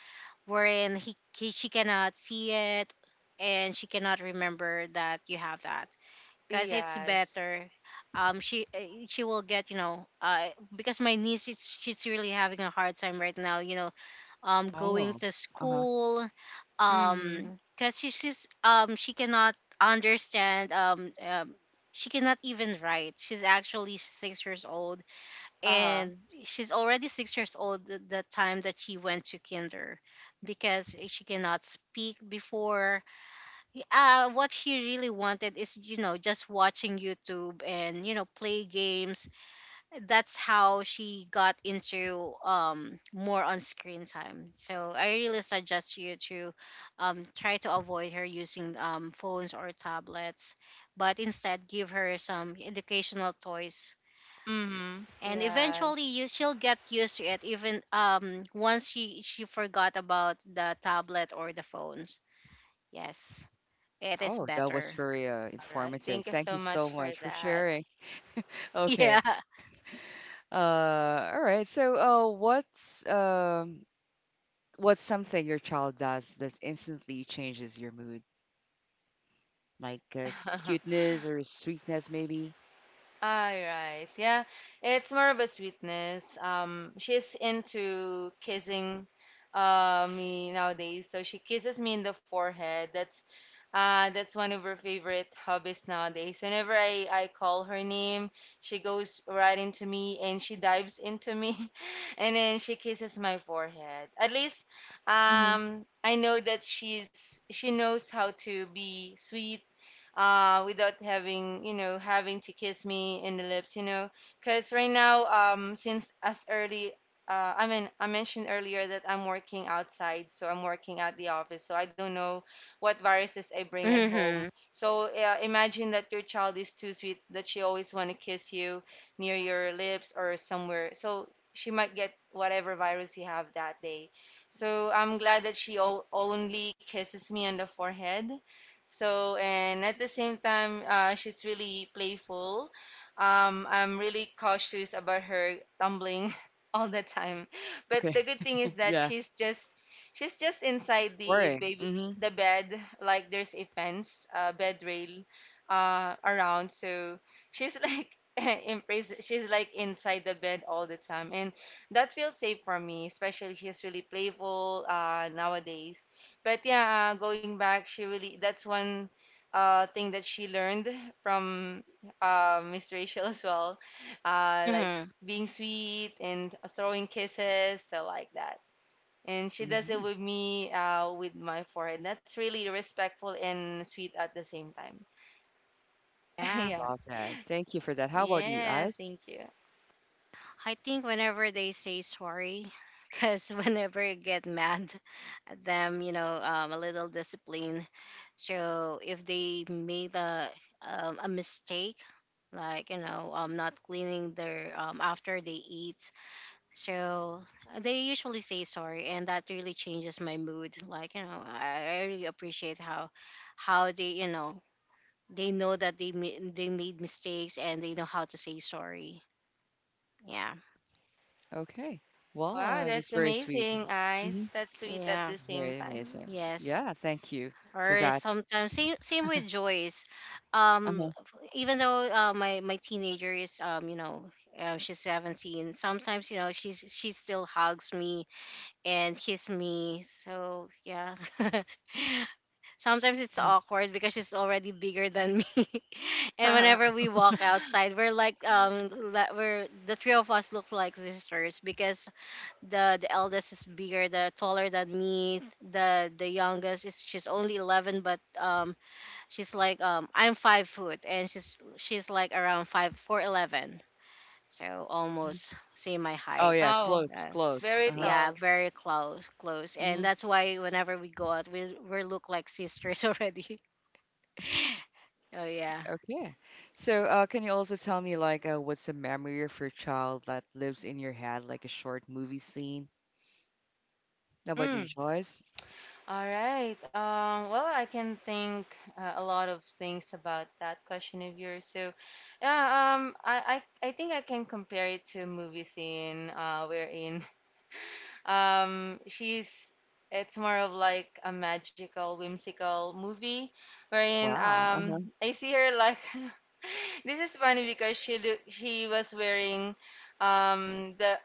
S3: wherein he, he she cannot see it and she cannot remember that you have that. Because it's
S2: Yes.
S3: better, um she eh, she will get, you know, uh, because my niece is, she's really having a hard time right now, you know, um going
S1: Oh.
S3: to
S1: Uh huh.
S3: school,
S2: Mm-hmm.
S3: um, because she, she's um she cannot understand um, um she cannot even write. She's actually six years old,
S2: Uh-huh.
S3: and she's already six years old the, the time that she went to kinder because she cannot speak before. Uh, what she really wanted is, you know, just watching YouTube and, you know, play games. That's how she got into, um, more on screen time. So I really suggest you to, um, try to avoid her using, um, phones or tablets, but instead give her some educational toys.
S2: Mm-hmm.
S3: And eventually
S2: Yes.
S3: you she'll get used to it, even um once she she forgot about the tablet or the phones. Yes, it is
S1: Oh, that was
S3: better.
S1: very uh,
S2: All right.
S1: informative.
S2: Thank you
S1: Thank you
S2: so much
S1: so
S2: for
S1: much for
S2: that.
S1: sharing. Okay.
S3: Yeah.
S1: Uh, all right. So, uh, what's um what's something your child does that instantly changes your mood? Like uh, cuteness or sweetness, maybe?
S2: All right. Yeah. It's more of a sweetness. Um, she's into kissing uh me nowadays. So she kisses me in the forehead. That's uh that's one of her favorite hobbies nowadays. Whenever I I call her name, she goes right into me and she dives into me, and then she kisses my forehead. At least
S1: Hmm.
S2: um I know that she's she knows how to be sweet uh, without having, you know, having to kiss me in the lips, you know. Because right now, um, since as early, uh, I mean, I mentioned earlier that I'm working outside, so I'm working at the office, so I don't know what viruses I bring at home.
S3: Mm-hmm.
S2: So uh, imagine that your child is too sweet that she always want to kiss you near your lips or somewhere. So she might get whatever virus you have that day. So I'm glad that she o- only kisses me on the forehead, so, and at the same time, uh, she's really playful. Um, I'm really cautious about her tumbling all the time. But
S1: Okay.
S2: the good thing is that
S1: Yeah.
S2: she's just she's just inside the
S1: Worrying.
S2: baby
S1: Mm-hmm.
S2: the bed, like there's a fence, uh, bed rail, uh, around. So she's like in She's like inside the bed all the time, and that feels safe for me. Especially she's really playful uh, nowadays. But yeah, uh, going back, she really that's one uh, thing that she learned from uh, Miss Rachel as well, uh, like
S3: Mm-hmm.
S2: being sweet and throwing kisses, so like that. And she does it
S1: Mm-hmm.
S2: with me, uh, with my forehead. That's really respectful and sweet at the same time.
S3: Yeah.
S2: Yeah.
S1: Love that. Thank you for that. How about you,
S2: Yes,
S1: Ice?
S2: thank you.
S3: I think whenever they say sorry, because whenever I get mad at them, you know, um, a little discipline. So if they made a um, a mistake, like, you know, um, not cleaning their um after they eat, so they usually say sorry, and that really changes my mood. Like, you know, I, I really appreciate how how they, you know, they know that they ma- they made mistakes and they know how to say sorry. Yeah,
S1: Okay. Well,
S2: Wow,
S1: uh, that's
S2: that's
S1: very sweet.
S2: amazing,
S1: Mm-hmm.
S2: Ice. That's sweet at
S3: yeah,
S2: the same
S1: Very
S2: time.
S1: amazing.
S3: yes.
S1: Yeah. Thank you for
S3: Or
S1: that.
S3: sometimes same, same with Joyce. Um,
S1: Uh-huh.
S3: f- even though uh, my my teenager is, um, you know, uh, she's seventeen, sometimes, you know, she's she still hugs me and kiss me. So yeah, sometimes it's
S1: Mhm.
S3: awkward because she's already bigger than me, and whenever we walk outside, we're like um la- we're the three of us look like sisters because the the eldest is bigger the taller than me. The the youngest is she's only eleven, but um, she's like um I'm five foot and she's she's like around five four eleven, so almost same my
S1: Oh
S3: height.
S1: yeah.
S3: Yes,
S2: Oh,
S1: Close.
S3: uh,
S1: Close.
S2: very
S1: Uh-huh.
S3: yeah,
S2: tall.
S3: very close, close. And
S1: Hmm.
S3: that's why whenever we go out, we we look like sisters already. Oh yeah.
S1: Okay. So, uh, can you also tell me, like, uh, what's a memory of your child that lives in your head, like a short movie scene? How about you,
S2: Mm.
S1: Joyce?
S2: All right. Um, well, I can think uh, a lot of things about that question of yours. So, yeah, um, I, I, I think I can compare it to a movie scene uh, wherein um, she's, it's more of like a magical, whimsical movie wherein
S1: Wow. Uh-huh.
S2: um, I see her like, this is funny because she look, she was wearing um, the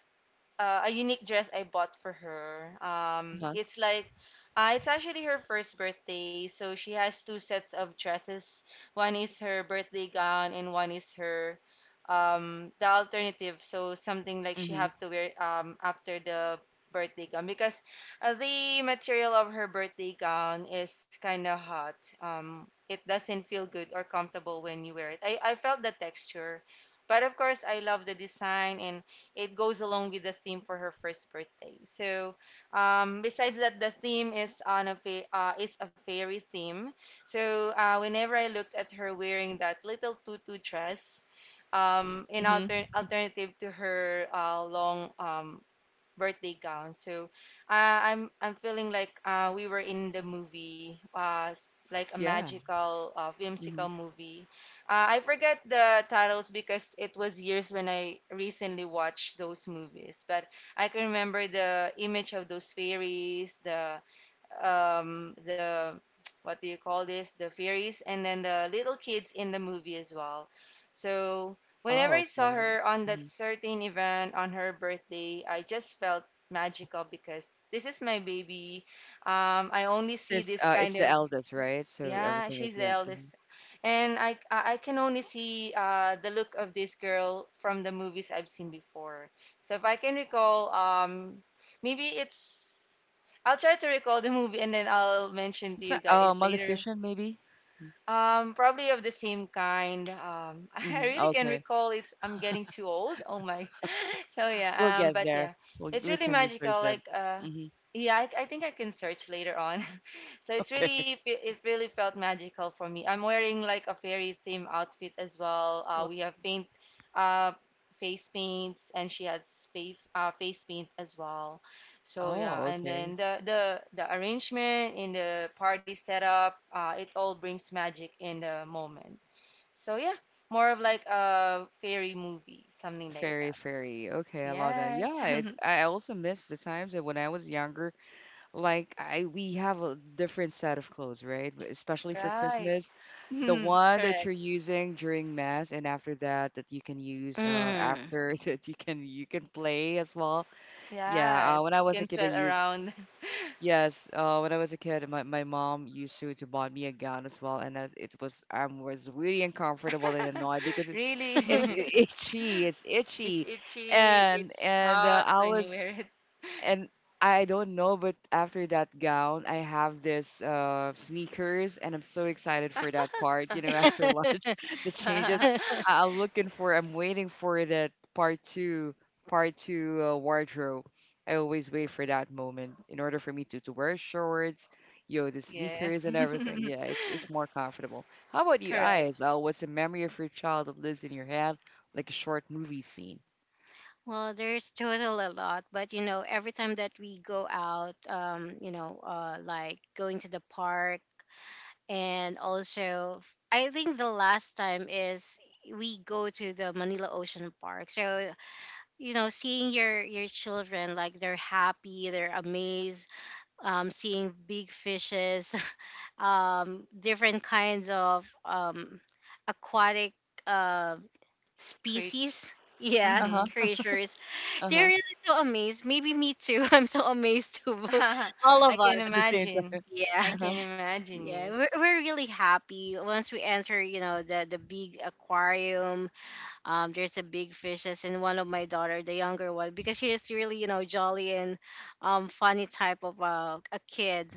S2: uh, a unique dress I bought for her. Um,
S1: Uh-huh.
S2: it's like uh, it's actually her first birthday, so she has two sets of dresses. One is her birthday gown, and one is her um, the alternative. So something like she
S1: Hmm.
S2: have to wear um, after the birthday gown because uh, the material of her birthday gown is kind of hot. Um, it doesn't feel good or comfortable when you wear it. I, I felt the texture, but of course I love the design and it goes along with the theme for her first birthday. So, um, besides that, the theme is on a fa- uh, is a fairy theme. So, uh, whenever I looked at her wearing that little tutu dress, um, in
S1: Hmm.
S2: alter- alternative to her uh, long um, birthday gown. So uh, I'm I'm feeling like uh, we were in the movie, uh, s- like a
S1: Yeah.
S2: magical, uh,
S1: Hmm.
S2: whimsical movie. Uh, I forget the titles because it was years when I recently watched those movies, but I can remember the image of those fairies, the um, the what do you call this? The fairies, and then the little kids in the movie as well. So whenever
S1: Oh,
S2: I saw
S1: okay.
S2: her on that
S1: Hmm.
S2: certain event on her birthday, I just felt magical because this is my baby. Um, I only see
S1: Since
S2: this
S1: uh, it's
S2: kind
S1: the
S2: of
S1: eldest, right? So
S2: yeah,
S1: everything
S2: she's
S1: is
S2: the
S1: yeah.
S2: eldest
S1: Hmm.
S2: and I I I can only see uh, the look of this girl from the movies I've seen before. So if I can recall, um, maybe it's I'll try to recall the movie and then I'll mention to
S1: Since uh,
S2: you
S1: uh,
S2: guys later.
S1: Maleficent, maybe.
S2: Um, probably of the same kind. Um, I
S1: Mm-hmm.
S2: really can
S1: Okay.
S2: recall it's I'm getting too old. Oh my. So yeah,
S1: We'll
S2: um,
S1: get
S2: but
S1: there.
S2: yeah,
S1: We'll,
S2: it's
S1: we
S2: really
S1: can research
S2: magical.
S1: that.
S2: Like uh,
S1: Mm-hmm.
S2: yeah, I, I think I can search later on. So it's
S1: Okay.
S2: really fe- it really felt magical for me. I'm wearing like a fairy theme outfit as well. Uh, we have faint uh face paints and she has face uh face paint as well. So yeah,
S1: Oh,
S2: and
S1: okay.
S2: then the the the arrangement in the party setup, uh, it all brings magic in the moment. So yeah, more of like a fairy movie, something like
S1: Fairy,
S2: that.
S1: fairy. Okay, I love that.
S2: Yes,
S1: Yeah, it's, I also miss the times that when I was younger. Like I we have a different set of clothes, right? But especially for
S2: right.
S1: Christmas. The one that
S2: Correct.
S1: you're using during mass and after that that you can use uh after that you can you can play as well. Yeah, uh, when
S2: Yes,
S1: I
S2: you
S1: was a
S2: can
S1: kid I
S2: sweat
S1: used
S2: around.
S1: yes, uh when I was a kid my, my mom used to to bought me a gown as well and as it was I was really uncomfortable and annoyed because it's it's
S2: Really,
S3: Mm-hmm.
S1: i- itchy, it's
S2: it's
S1: itchy.
S2: itchy,
S1: And
S2: it's
S1: and uh,
S2: hot
S1: I
S2: when you
S1: was
S2: wear
S1: and I don't know, but after that gown, I have this uh sneakers, and I'm so excited for that part. You know, after lunch, the changes.
S2: it.
S1: I- I'm looking for. I'm waiting for that part two, part two uh, wardrobe. I always wait for that moment in order for me to to wear shorts, you know, the
S2: Yeah,
S1: sneakers and everything. Yeah, it's it's more comfortable. How about you,
S2: correct.
S1: eyes? Uh, what's a memory of your child that lives in your head, like a short movie scene?
S3: Well, there's total a lot, but you know, every time that we go out, um, you know, uh, like going to the park, and also, I think the last time is we go to the Manila Ocean Park. So, you know, seeing your your children like they're happy, they're amazed, um, seeing big fishes, um, different kinds of um, aquatic uh,
S2: Preach.
S3: species.
S1: Uh
S3: Yes,
S2: Hmm.
S1: huh.
S3: creatures,
S1: Uh
S3: they're
S1: huh.
S3: really so amazed. Maybe me too. I'm so amazed too. bo- All
S2: I
S3: of
S2: can
S3: us.
S1: At the same
S2: imagine.
S1: time.
S3: Yeah,
S2: I
S1: Uh-huh.
S2: can imagine
S3: yeah.
S2: you.
S3: We're, we're really happy once we enter. You know the the big aquarium. Um, there's a big fishes, and one of my daughter, the younger one, because she is really, you know, jolly and um funny type of uh, a kid,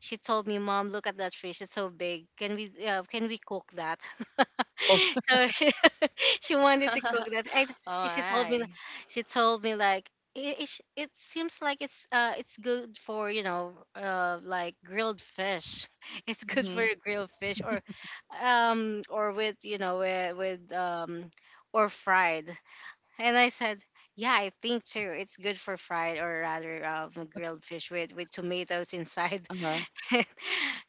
S3: she told me, "Mom, look at that fish. It's so big. Can we uh, can we cook that?" So she, she wanted to cook
S2: Oh,
S3: that. I, she told me,
S2: I.
S3: she told me like it, it, it seems like it's uh it's good for, you know, uh, like grilled fish. It's good for
S1: Mhm.
S3: a grilled fish or um or with, you know, with, with um or fried. And I said. Yeah, I think too. It's good for fried or rather, um, grilled fish with, with tomatoes inside.
S1: Uh-huh.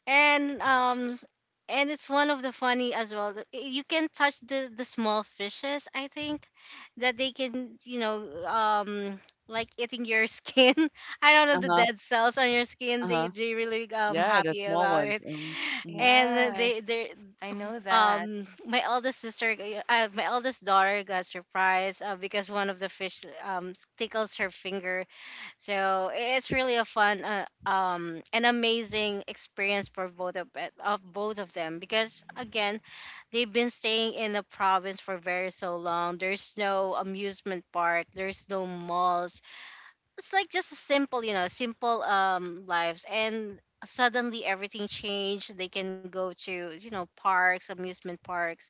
S3: And um s- and it's one of the funny as well that, eh, you can touch the the small fishes. I think that they can, you know, um, like eating your skin. I don't know, the
S1: Uh-huh.
S3: dead cells on your skin, they
S1: Uh-huh.
S3: they really um
S1: Yeah, the
S3: happy
S1: small
S3: about it.
S1: ones. Um, mhm.
S3: And they
S2: Yes,
S3: they
S2: I know that.
S3: um my eldest sister g- uh, my eldest daughter got surprised, uh, because one of the fish um tickles her finger. So it's really a fun, uh, um, an amazing experience for both of it- of both of them, because again, they've been staying in the province for very so long. There's no amusement park. There's no malls. It's like just a simple, you know, simple um lives, and suddenly everything changed. They can go to, you know, parks, amusement parks,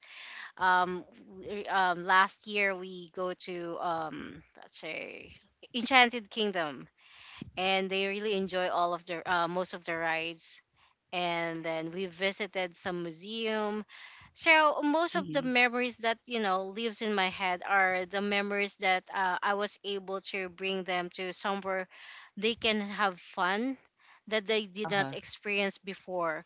S3: um, w- um last year we go to um let's say Enchanted Kingdom, and they really enjoy all of the uh, most of the rides, and then we visited some museum. So most of the
S1: Mhm.
S3: memories that, you know, lives in my head are the memories that, uh, I was able to bring them to somewhere they can have fun that they did not
S1: Uh-huh.
S3: experience before.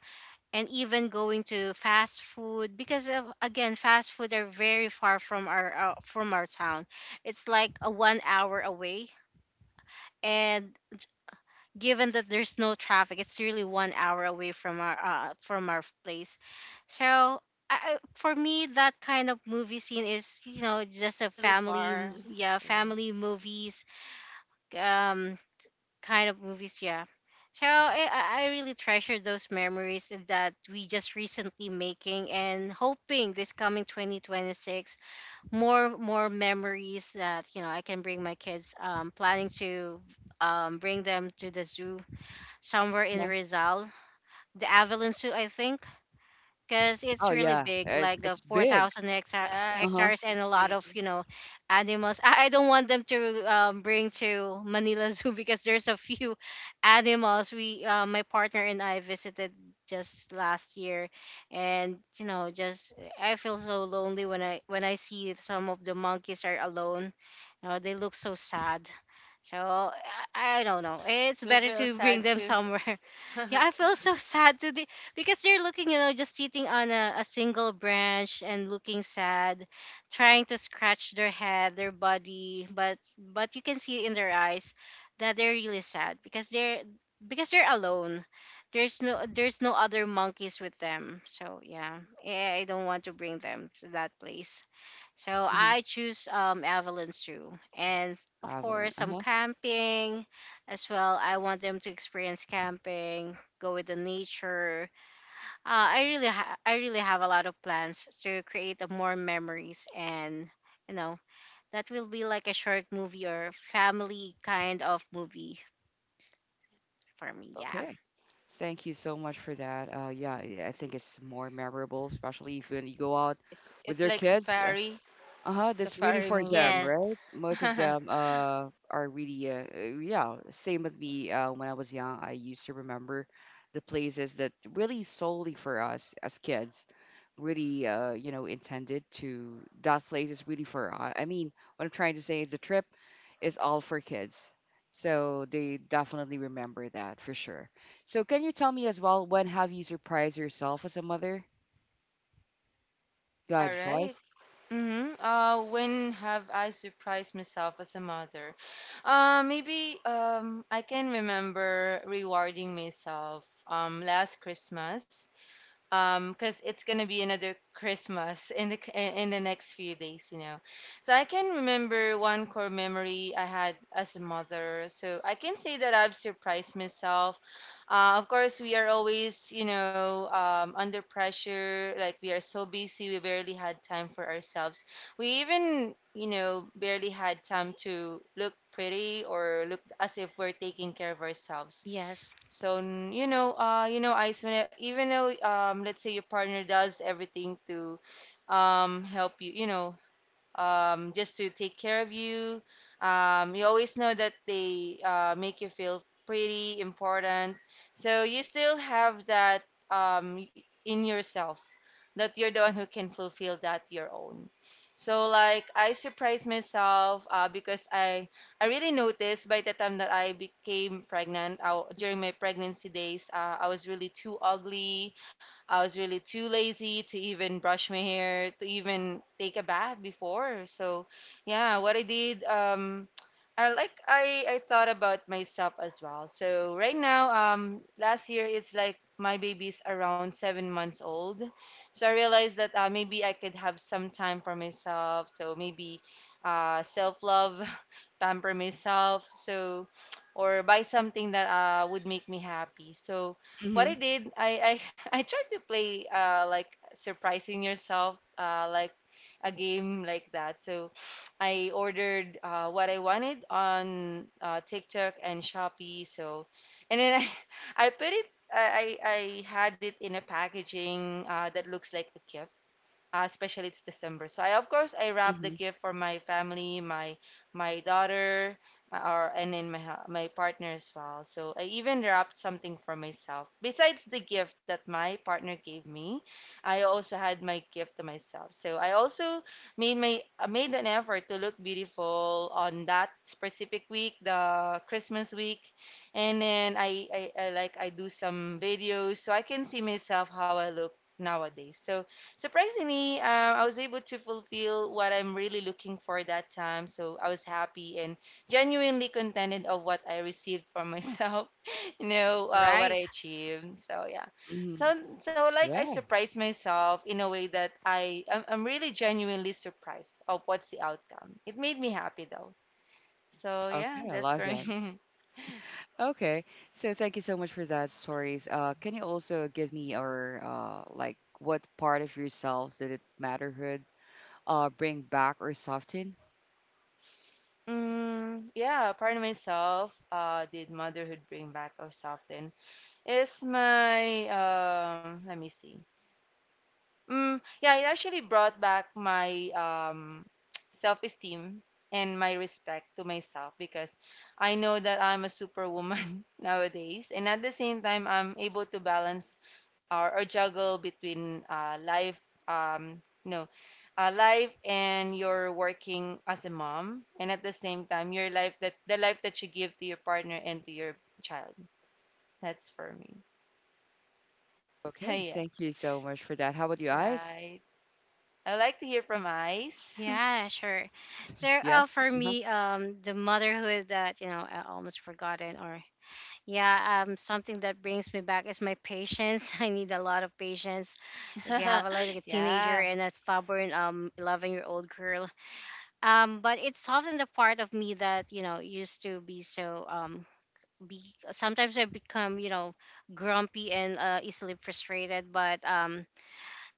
S3: And even going to fast food because of, again, fast food are very far from our uh, from our town. It's like a one hour away. And given that there's no traffic, it's really one hour away from our uh, from our place. So I, I- for me, that kind of movie scene is, you know,
S2: Yeah,
S3: just
S2: it's
S3: a
S2: really
S3: family
S2: far.
S3: m- yeah
S2: Yeah.
S3: family movies, um, kind of movies. Yeah. So I, I I really treasure those memories that we just recently making, and hoping this coming twenty twenty-six, more more memories that, you know, I can bring my kids. Um, planning to um bring them to the zoo somewhere in
S1: Uh-huh.
S3: Rizal, the Avalon Zoo, I think, because
S1: Oh
S3: it's really
S1: yeah,
S3: big,
S1: it's
S3: like the
S1: it's big.
S3: four thousand hectare,
S1: Uh-huh.
S2: Yes,
S3: hectares and a
S2: it's
S3: lot
S2: big.
S3: of, you know, animals. I, I don't want them to um, bring to Manila Zoo because there's a few animals we, uh, my partner and I visited just last year and you know just I feel so lonely when i when i see some of the monkeys are alone. You know, they look so sad. So I, I don't know, it's
S2: You
S3: better
S2: feel
S3: to bring
S2: sad
S3: them
S2: too.
S3: somewhere. Yeah, I feel so sad today because you're looking, you know, just sitting on a, a single branch and looking sad, trying to scratch their head, their body, but but you can see in their eyes that they're really sad because they're because they're alone. There's no there's no other monkeys with them. So yeah, I, I don't want to bring them to that place. So
S1: Mhm.
S3: I choose um Evelyn Zoo and of
S1: Avalon.
S3: course some
S1: Uh-huh.
S3: camping as well. I want them to experience camping, go with the nature. Uh, I really ha- I really have a lot of plans to create a more memories and you know that will be like a short movie or family kind of movie for me. Yeah.
S1: Okay. Thank you so much for that. Uh, yeah, I I think it's more memorable, especially if when you go out
S2: It's
S1: with
S2: it's
S1: your
S2: like
S1: kids.
S2: safari,
S1: Uh-huh, that's really
S2: safari
S1: for
S2: movie.
S1: them, right?
S3: Yes.
S1: Most of
S2: All
S1: them uh are really uh uh, yeah, same with me uh when I was young, I used to remember the places that really solely for us as kids really uh you know intended to that place is really for I I mean, what I'm trying to say is the trip is all for kids. So they definitely remember that for sure. So can you tell me as well when have you surprised yourself as a mother? God,
S2: right.
S1: Joyce.
S2: Mm-hmm. Uh, when have I surprised myself as a mother? Uh, maybe um, I can remember rewarding myself um, last Christmas. Um because it's gonna be another Christmas in the c- in the next few days, you know, so I can remember one core memory I had as a mother, so I can say that I've surprised myself. Uh, of course we are always, you know, um, under pressure, like we are so busy, we barely had time for ourselves. We even, you know, barely had time to look pretty or look as if we're taking care of ourselves.
S3: Yes.
S2: So n- you know, uh, you know, Ice, when it- even though um, let's say your partner does everything to um help you, you know, um, just to take care of you. Um, you always know that they uh, make you feel pretty important. So you still have that um, in yourself that you're the one who can fulfill that your own. So like I surprised myself uh, because I I really noticed by the time that I became pregnant, uh, during my pregnancy days, uh, I was really too ugly. I was really too lazy to even brush my hair, to even take a bath before. So yeah, what I did, um, I like I I thought about myself as well. So right now, um, last year it's like my baby's around seven months old. So I realized that uh, maybe I could have some time for myself. So maybe uh, self-love, pamper myself. So or buy something that uh, would make me happy. So what I
S1: Mhm.
S2: did, I I, I tried to play uh, like surprising yourself, uh, like a game like that. So I ordered uh, what I wanted on uh, TikTok and Shopee. So and then I I put it. I, I I had it in a packaging uh, that looks like a gift, uh, especially it's December. So I of course I wrap the
S1: Mhm.
S2: gift for my family, my my daughter, my, or and then my hu- my partner as well. So I even wrapped something for myself. Besides the gift that my partner gave me, I also had my gift to myself. So I also made my uh, made an effort to look beautiful on that specific week, the Christmas week. And then I, I, I like I do some videos so I can see myself how I look nowadays. So surprisingly, um, I was able to fulfill what I'm really looking for that time. So I was happy and genuinely contented of what I received from myself, you know, uh, what
S3: Right.
S2: I achieved. So yeah, so
S1: Mhm.
S2: so like I surprised myself in a way that I I'm, I'm really genuinely surprised of what's the outcome. It made me happy though. So yeah,
S1: Okay, I
S2: that's
S1: love
S2: for
S1: that.
S2: me.
S1: Okay, so thank you so much for that stories. Uh, can you also give me or uh, like what part of yourself did it matterhood uh bring back or soften?
S2: Mm, yeah, apart of myself, uh, did motherhood bring back us often? Is my um let me see. Mm, yeah, it actually brought back my um self-esteem and my respect to myself because I know that I'm a superwoman nowadays, and at the same time, I'm able to balance or, or juggle between uh, life, um, no, uh, life and your working as a mom, and at the same time, your life that the life that you give to your partner and to your child. That's for me.
S1: Okay,
S2: Yeah.
S1: thank you so much for that. How about you guys?
S2: Right. I would like to hear from Ice.
S3: Yeah, sure. So,
S1: Yes.
S3: uh, for
S1: Uh-huh.
S3: me, um, the motherhood that you know I almost forgotten, or yeah, um, something that brings me back is my patience. I need a lot of patience. If you have a, like a
S2: Yeah,
S3: teenager and a stubborn um eleven-year-old girl, um, but it's often the part of me that you know used to be so um be. Sometimes I become you know grumpy and uh, easily frustrated, but um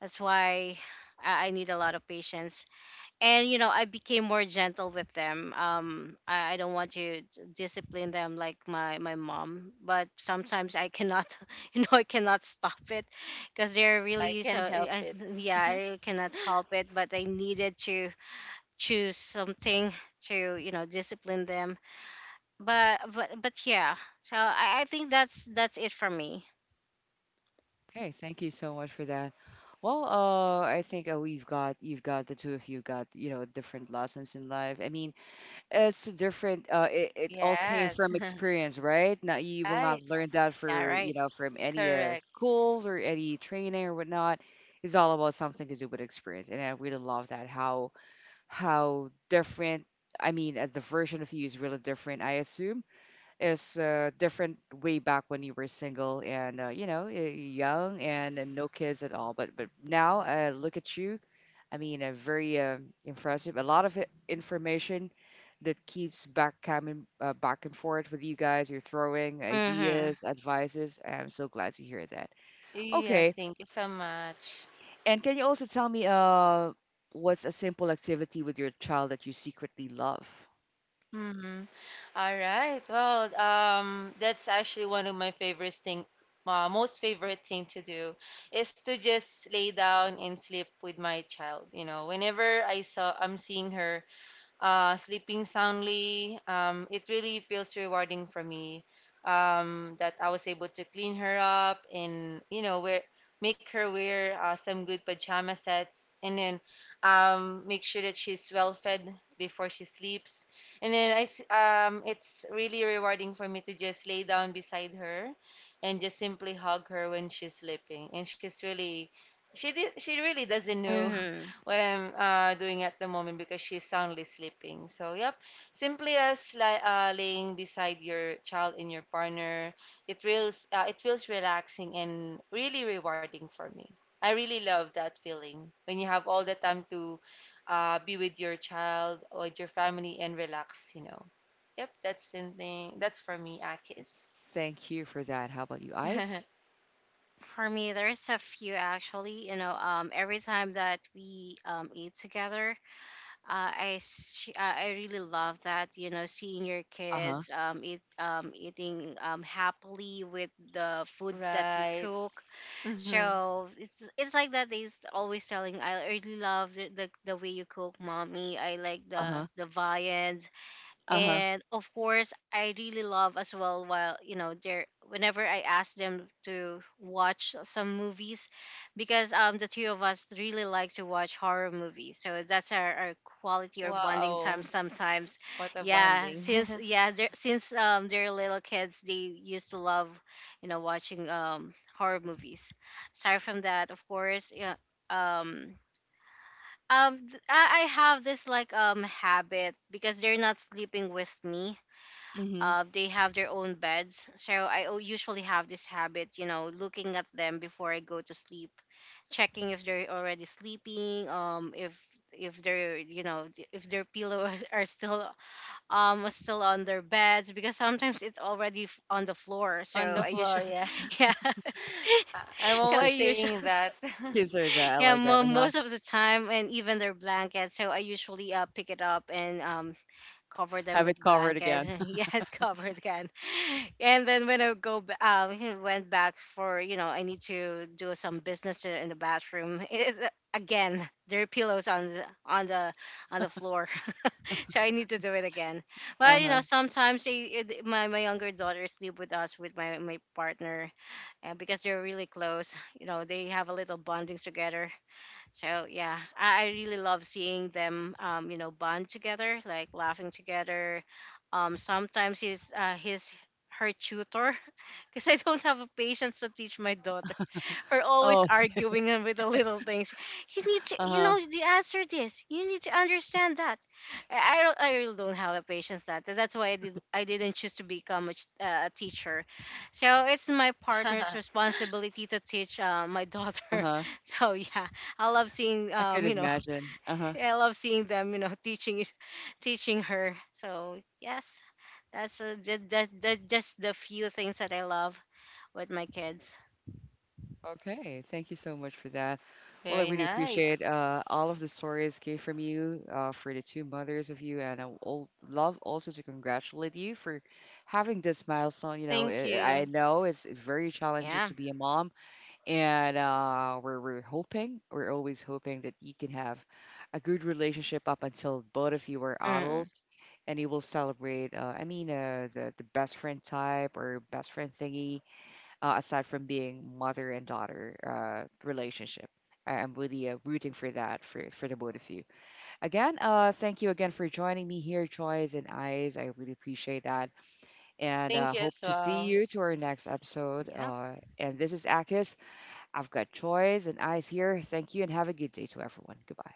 S3: that's why I, I need a lot of patience, and you know I became more gentle with them. um i, I don't want to d- discipline them like my my mom, but sometimes I cannot you know I cannot stop it because they're
S2: I
S3: really so
S2: can help
S3: I,
S2: it.
S3: yeah, I really cannot help it, but I needed to choose something to you know discipline them. But but but yeah, so i, I think that's that's it for me.
S1: Okay, thank you so much for that. Well, uh, I think uh, we've got you've got the two of you got you know different lessons in life. I mean, it's different. Uh, it, it all came
S2: Yes.
S1: from experience, right? Now you will
S2: Right.
S1: not learn that
S3: Yeah,
S1: for
S3: right.
S1: you know from any uh,
S2: Correct.
S1: schools or any training or whatnot. It's all about something to do with experience, and I really love that how how different. I mean, uh, the version of you is really different, I assume, is uh, different way back when you were single and uh, you know y- young and, and no kids at all. But but now uh, look at you. I mean, uh, very uh, impressive. A lot of i- information that keeps back coming uh, back and forth with you guys. You're throwing
S3: Mm-hmm.
S1: ideas, advices. I'm so glad to hear that.
S2: Yes,
S1: Okay,
S2: thank you so much.
S1: and can you also tell me uh, what's a simple activity with your child that you secretly love?
S2: Mm-hmm. All right. Well, um, that's actually one of my favorite thing, uh, most favorite thing to do is to just lay down and sleep with my child. You know, whenever I saw I'm seeing her, uh, sleeping soundly. Um, it really feels rewarding for me, um, that I was able to clean her up and, you know, wear, make her wear uh, some good pajama sets, and then um, make sure that she's well fed before she sleeps. And then I, s- um, it's really rewarding for me to just lay down beside her and just simply hug her when she's sleeping. And she's really, she did, she really doesn't know
S3: Mm-hmm.
S2: what I'm uh, doing at the moment because she's soundly sleeping. So yep, simply as li uh, laying beside your child and your partner, it feels uh, it feels relaxing and really rewarding for me. I really love that feeling when you have all the time to uh, be with your child or with your family and relax, you know. Yep, that's something that's for me, Akis.
S1: Thank you for that. How about you, Ice?
S3: For me, there's a few actually. You know, um, every time that we um, eat together, uh, I s- uh, I really love that. You know, seeing your
S1: Uh huh.
S3: kids um, eat um, eating um, happily with the food that you
S2: Right.
S3: cook.
S2: Hmm.
S3: So it's it's like that. They's always telling, I really love the, the the way you cook, mommy. I like
S1: Uh
S3: the
S1: huh.
S3: the viand.
S1: Uh huh.
S3: And of course I really love as well while you know they're whenever I ask them to watch some movies because um the three of us really like to watch horror movies. So that's our, our quality or bonding time
S2: Wow,
S3: sometimes.
S2: what a
S3: Yeah,
S2: bonding.
S3: since yeah they're, since um they're little kids, they used to love you know watching um horror movies. Aside from that, of course, yeah, um um th- I I have this like um habit because they're not sleeping with me.
S1: Mhm.
S3: Uh, they have their own beds. So I o- usually have this habit, you know, looking at them before I go to sleep, checking if they're already sleeping, um, if if they're you know d- if their pillows are still um still on their beds because sometimes it's already f- on the floor. So
S2: On the
S3: I
S2: floor,
S3: usually
S2: yeah.
S3: yeah.
S2: I- am
S3: So I
S1: Ki
S2: almost
S3: usually
S2: saying that.
S1: kids are that I
S3: yeah,
S1: like that,
S3: mo-
S1: uh-huh.
S3: most of the time, and even their blankets. So I usually uh, pick it up and um cover them
S1: Have it
S3: with
S1: covered again.
S3: blankets. Yes, covered can. And then when I go, b- um, he went back for you know I need to do some business to- in the bathroom. It is uh, again there are pillows on the on the on the floor, so I need to do it again. But you
S1: Uh-huh.
S3: know sometimes they- it, my my younger daughter sleep with us with my my partner, and because they're really close, you know they have a little bondings together. So yeah, I, I really love seeing them, um, you know, bond together, like laughing together. Um, sometimes he's uh, he's her tutor because I don't have a patience to teach my daughter for always
S1: Oh,
S3: arguing and with the little things. You need to, you
S1: uh-huh,
S3: know, to answer this. You need to understand that. I I don't, I really don't have a patience that. That's why I did, I didn't choose to become a, ch- uh, a teacher. So it's my partner's responsibility to teach uh, my daughter.
S1: uh-huh.
S3: So yeah, I love seeing,
S1: I could
S3: um, you know,
S1: imagine. Uh-huh.
S3: I love seeing them, you know, teaching, it- teaching her. So yes, that's uh, just, just, just the few things that I love with my kids.
S1: Okay, thank you so much for that. Well,
S2: Very
S1: I really appreciate
S2: nice.
S1: uh, all of the stories came from you, uh, for the two mothers of you, and I would al- love also to congratulate you for having this milestone. You know,
S2: Thank
S1: I
S2: you.
S1: I know it's very challenging
S3: Yeah.
S1: to be a mom, and uh, we're, we're hoping we're always hoping that you can have a good relationship up until both of you are
S3: Mm.
S1: adults and you will celebrate uh, I mean uh, the, the best friend type or best friend thingy uh, aside from being mother and daughter uh, relationship. I- I'm really uh, rooting for that for, for the both of you. Again, uh, thank you again for joining me here, Joyce and Eyes. I really appreciate that, and
S2: Thank
S1: uh,
S2: you
S1: hope
S2: as
S1: to see
S2: well.
S1: you to our next episode.
S3: Yeah.
S1: Uh, and this is Akis. I've got Troy's and eyes here. Thank you and have a good day to everyone. Goodbye.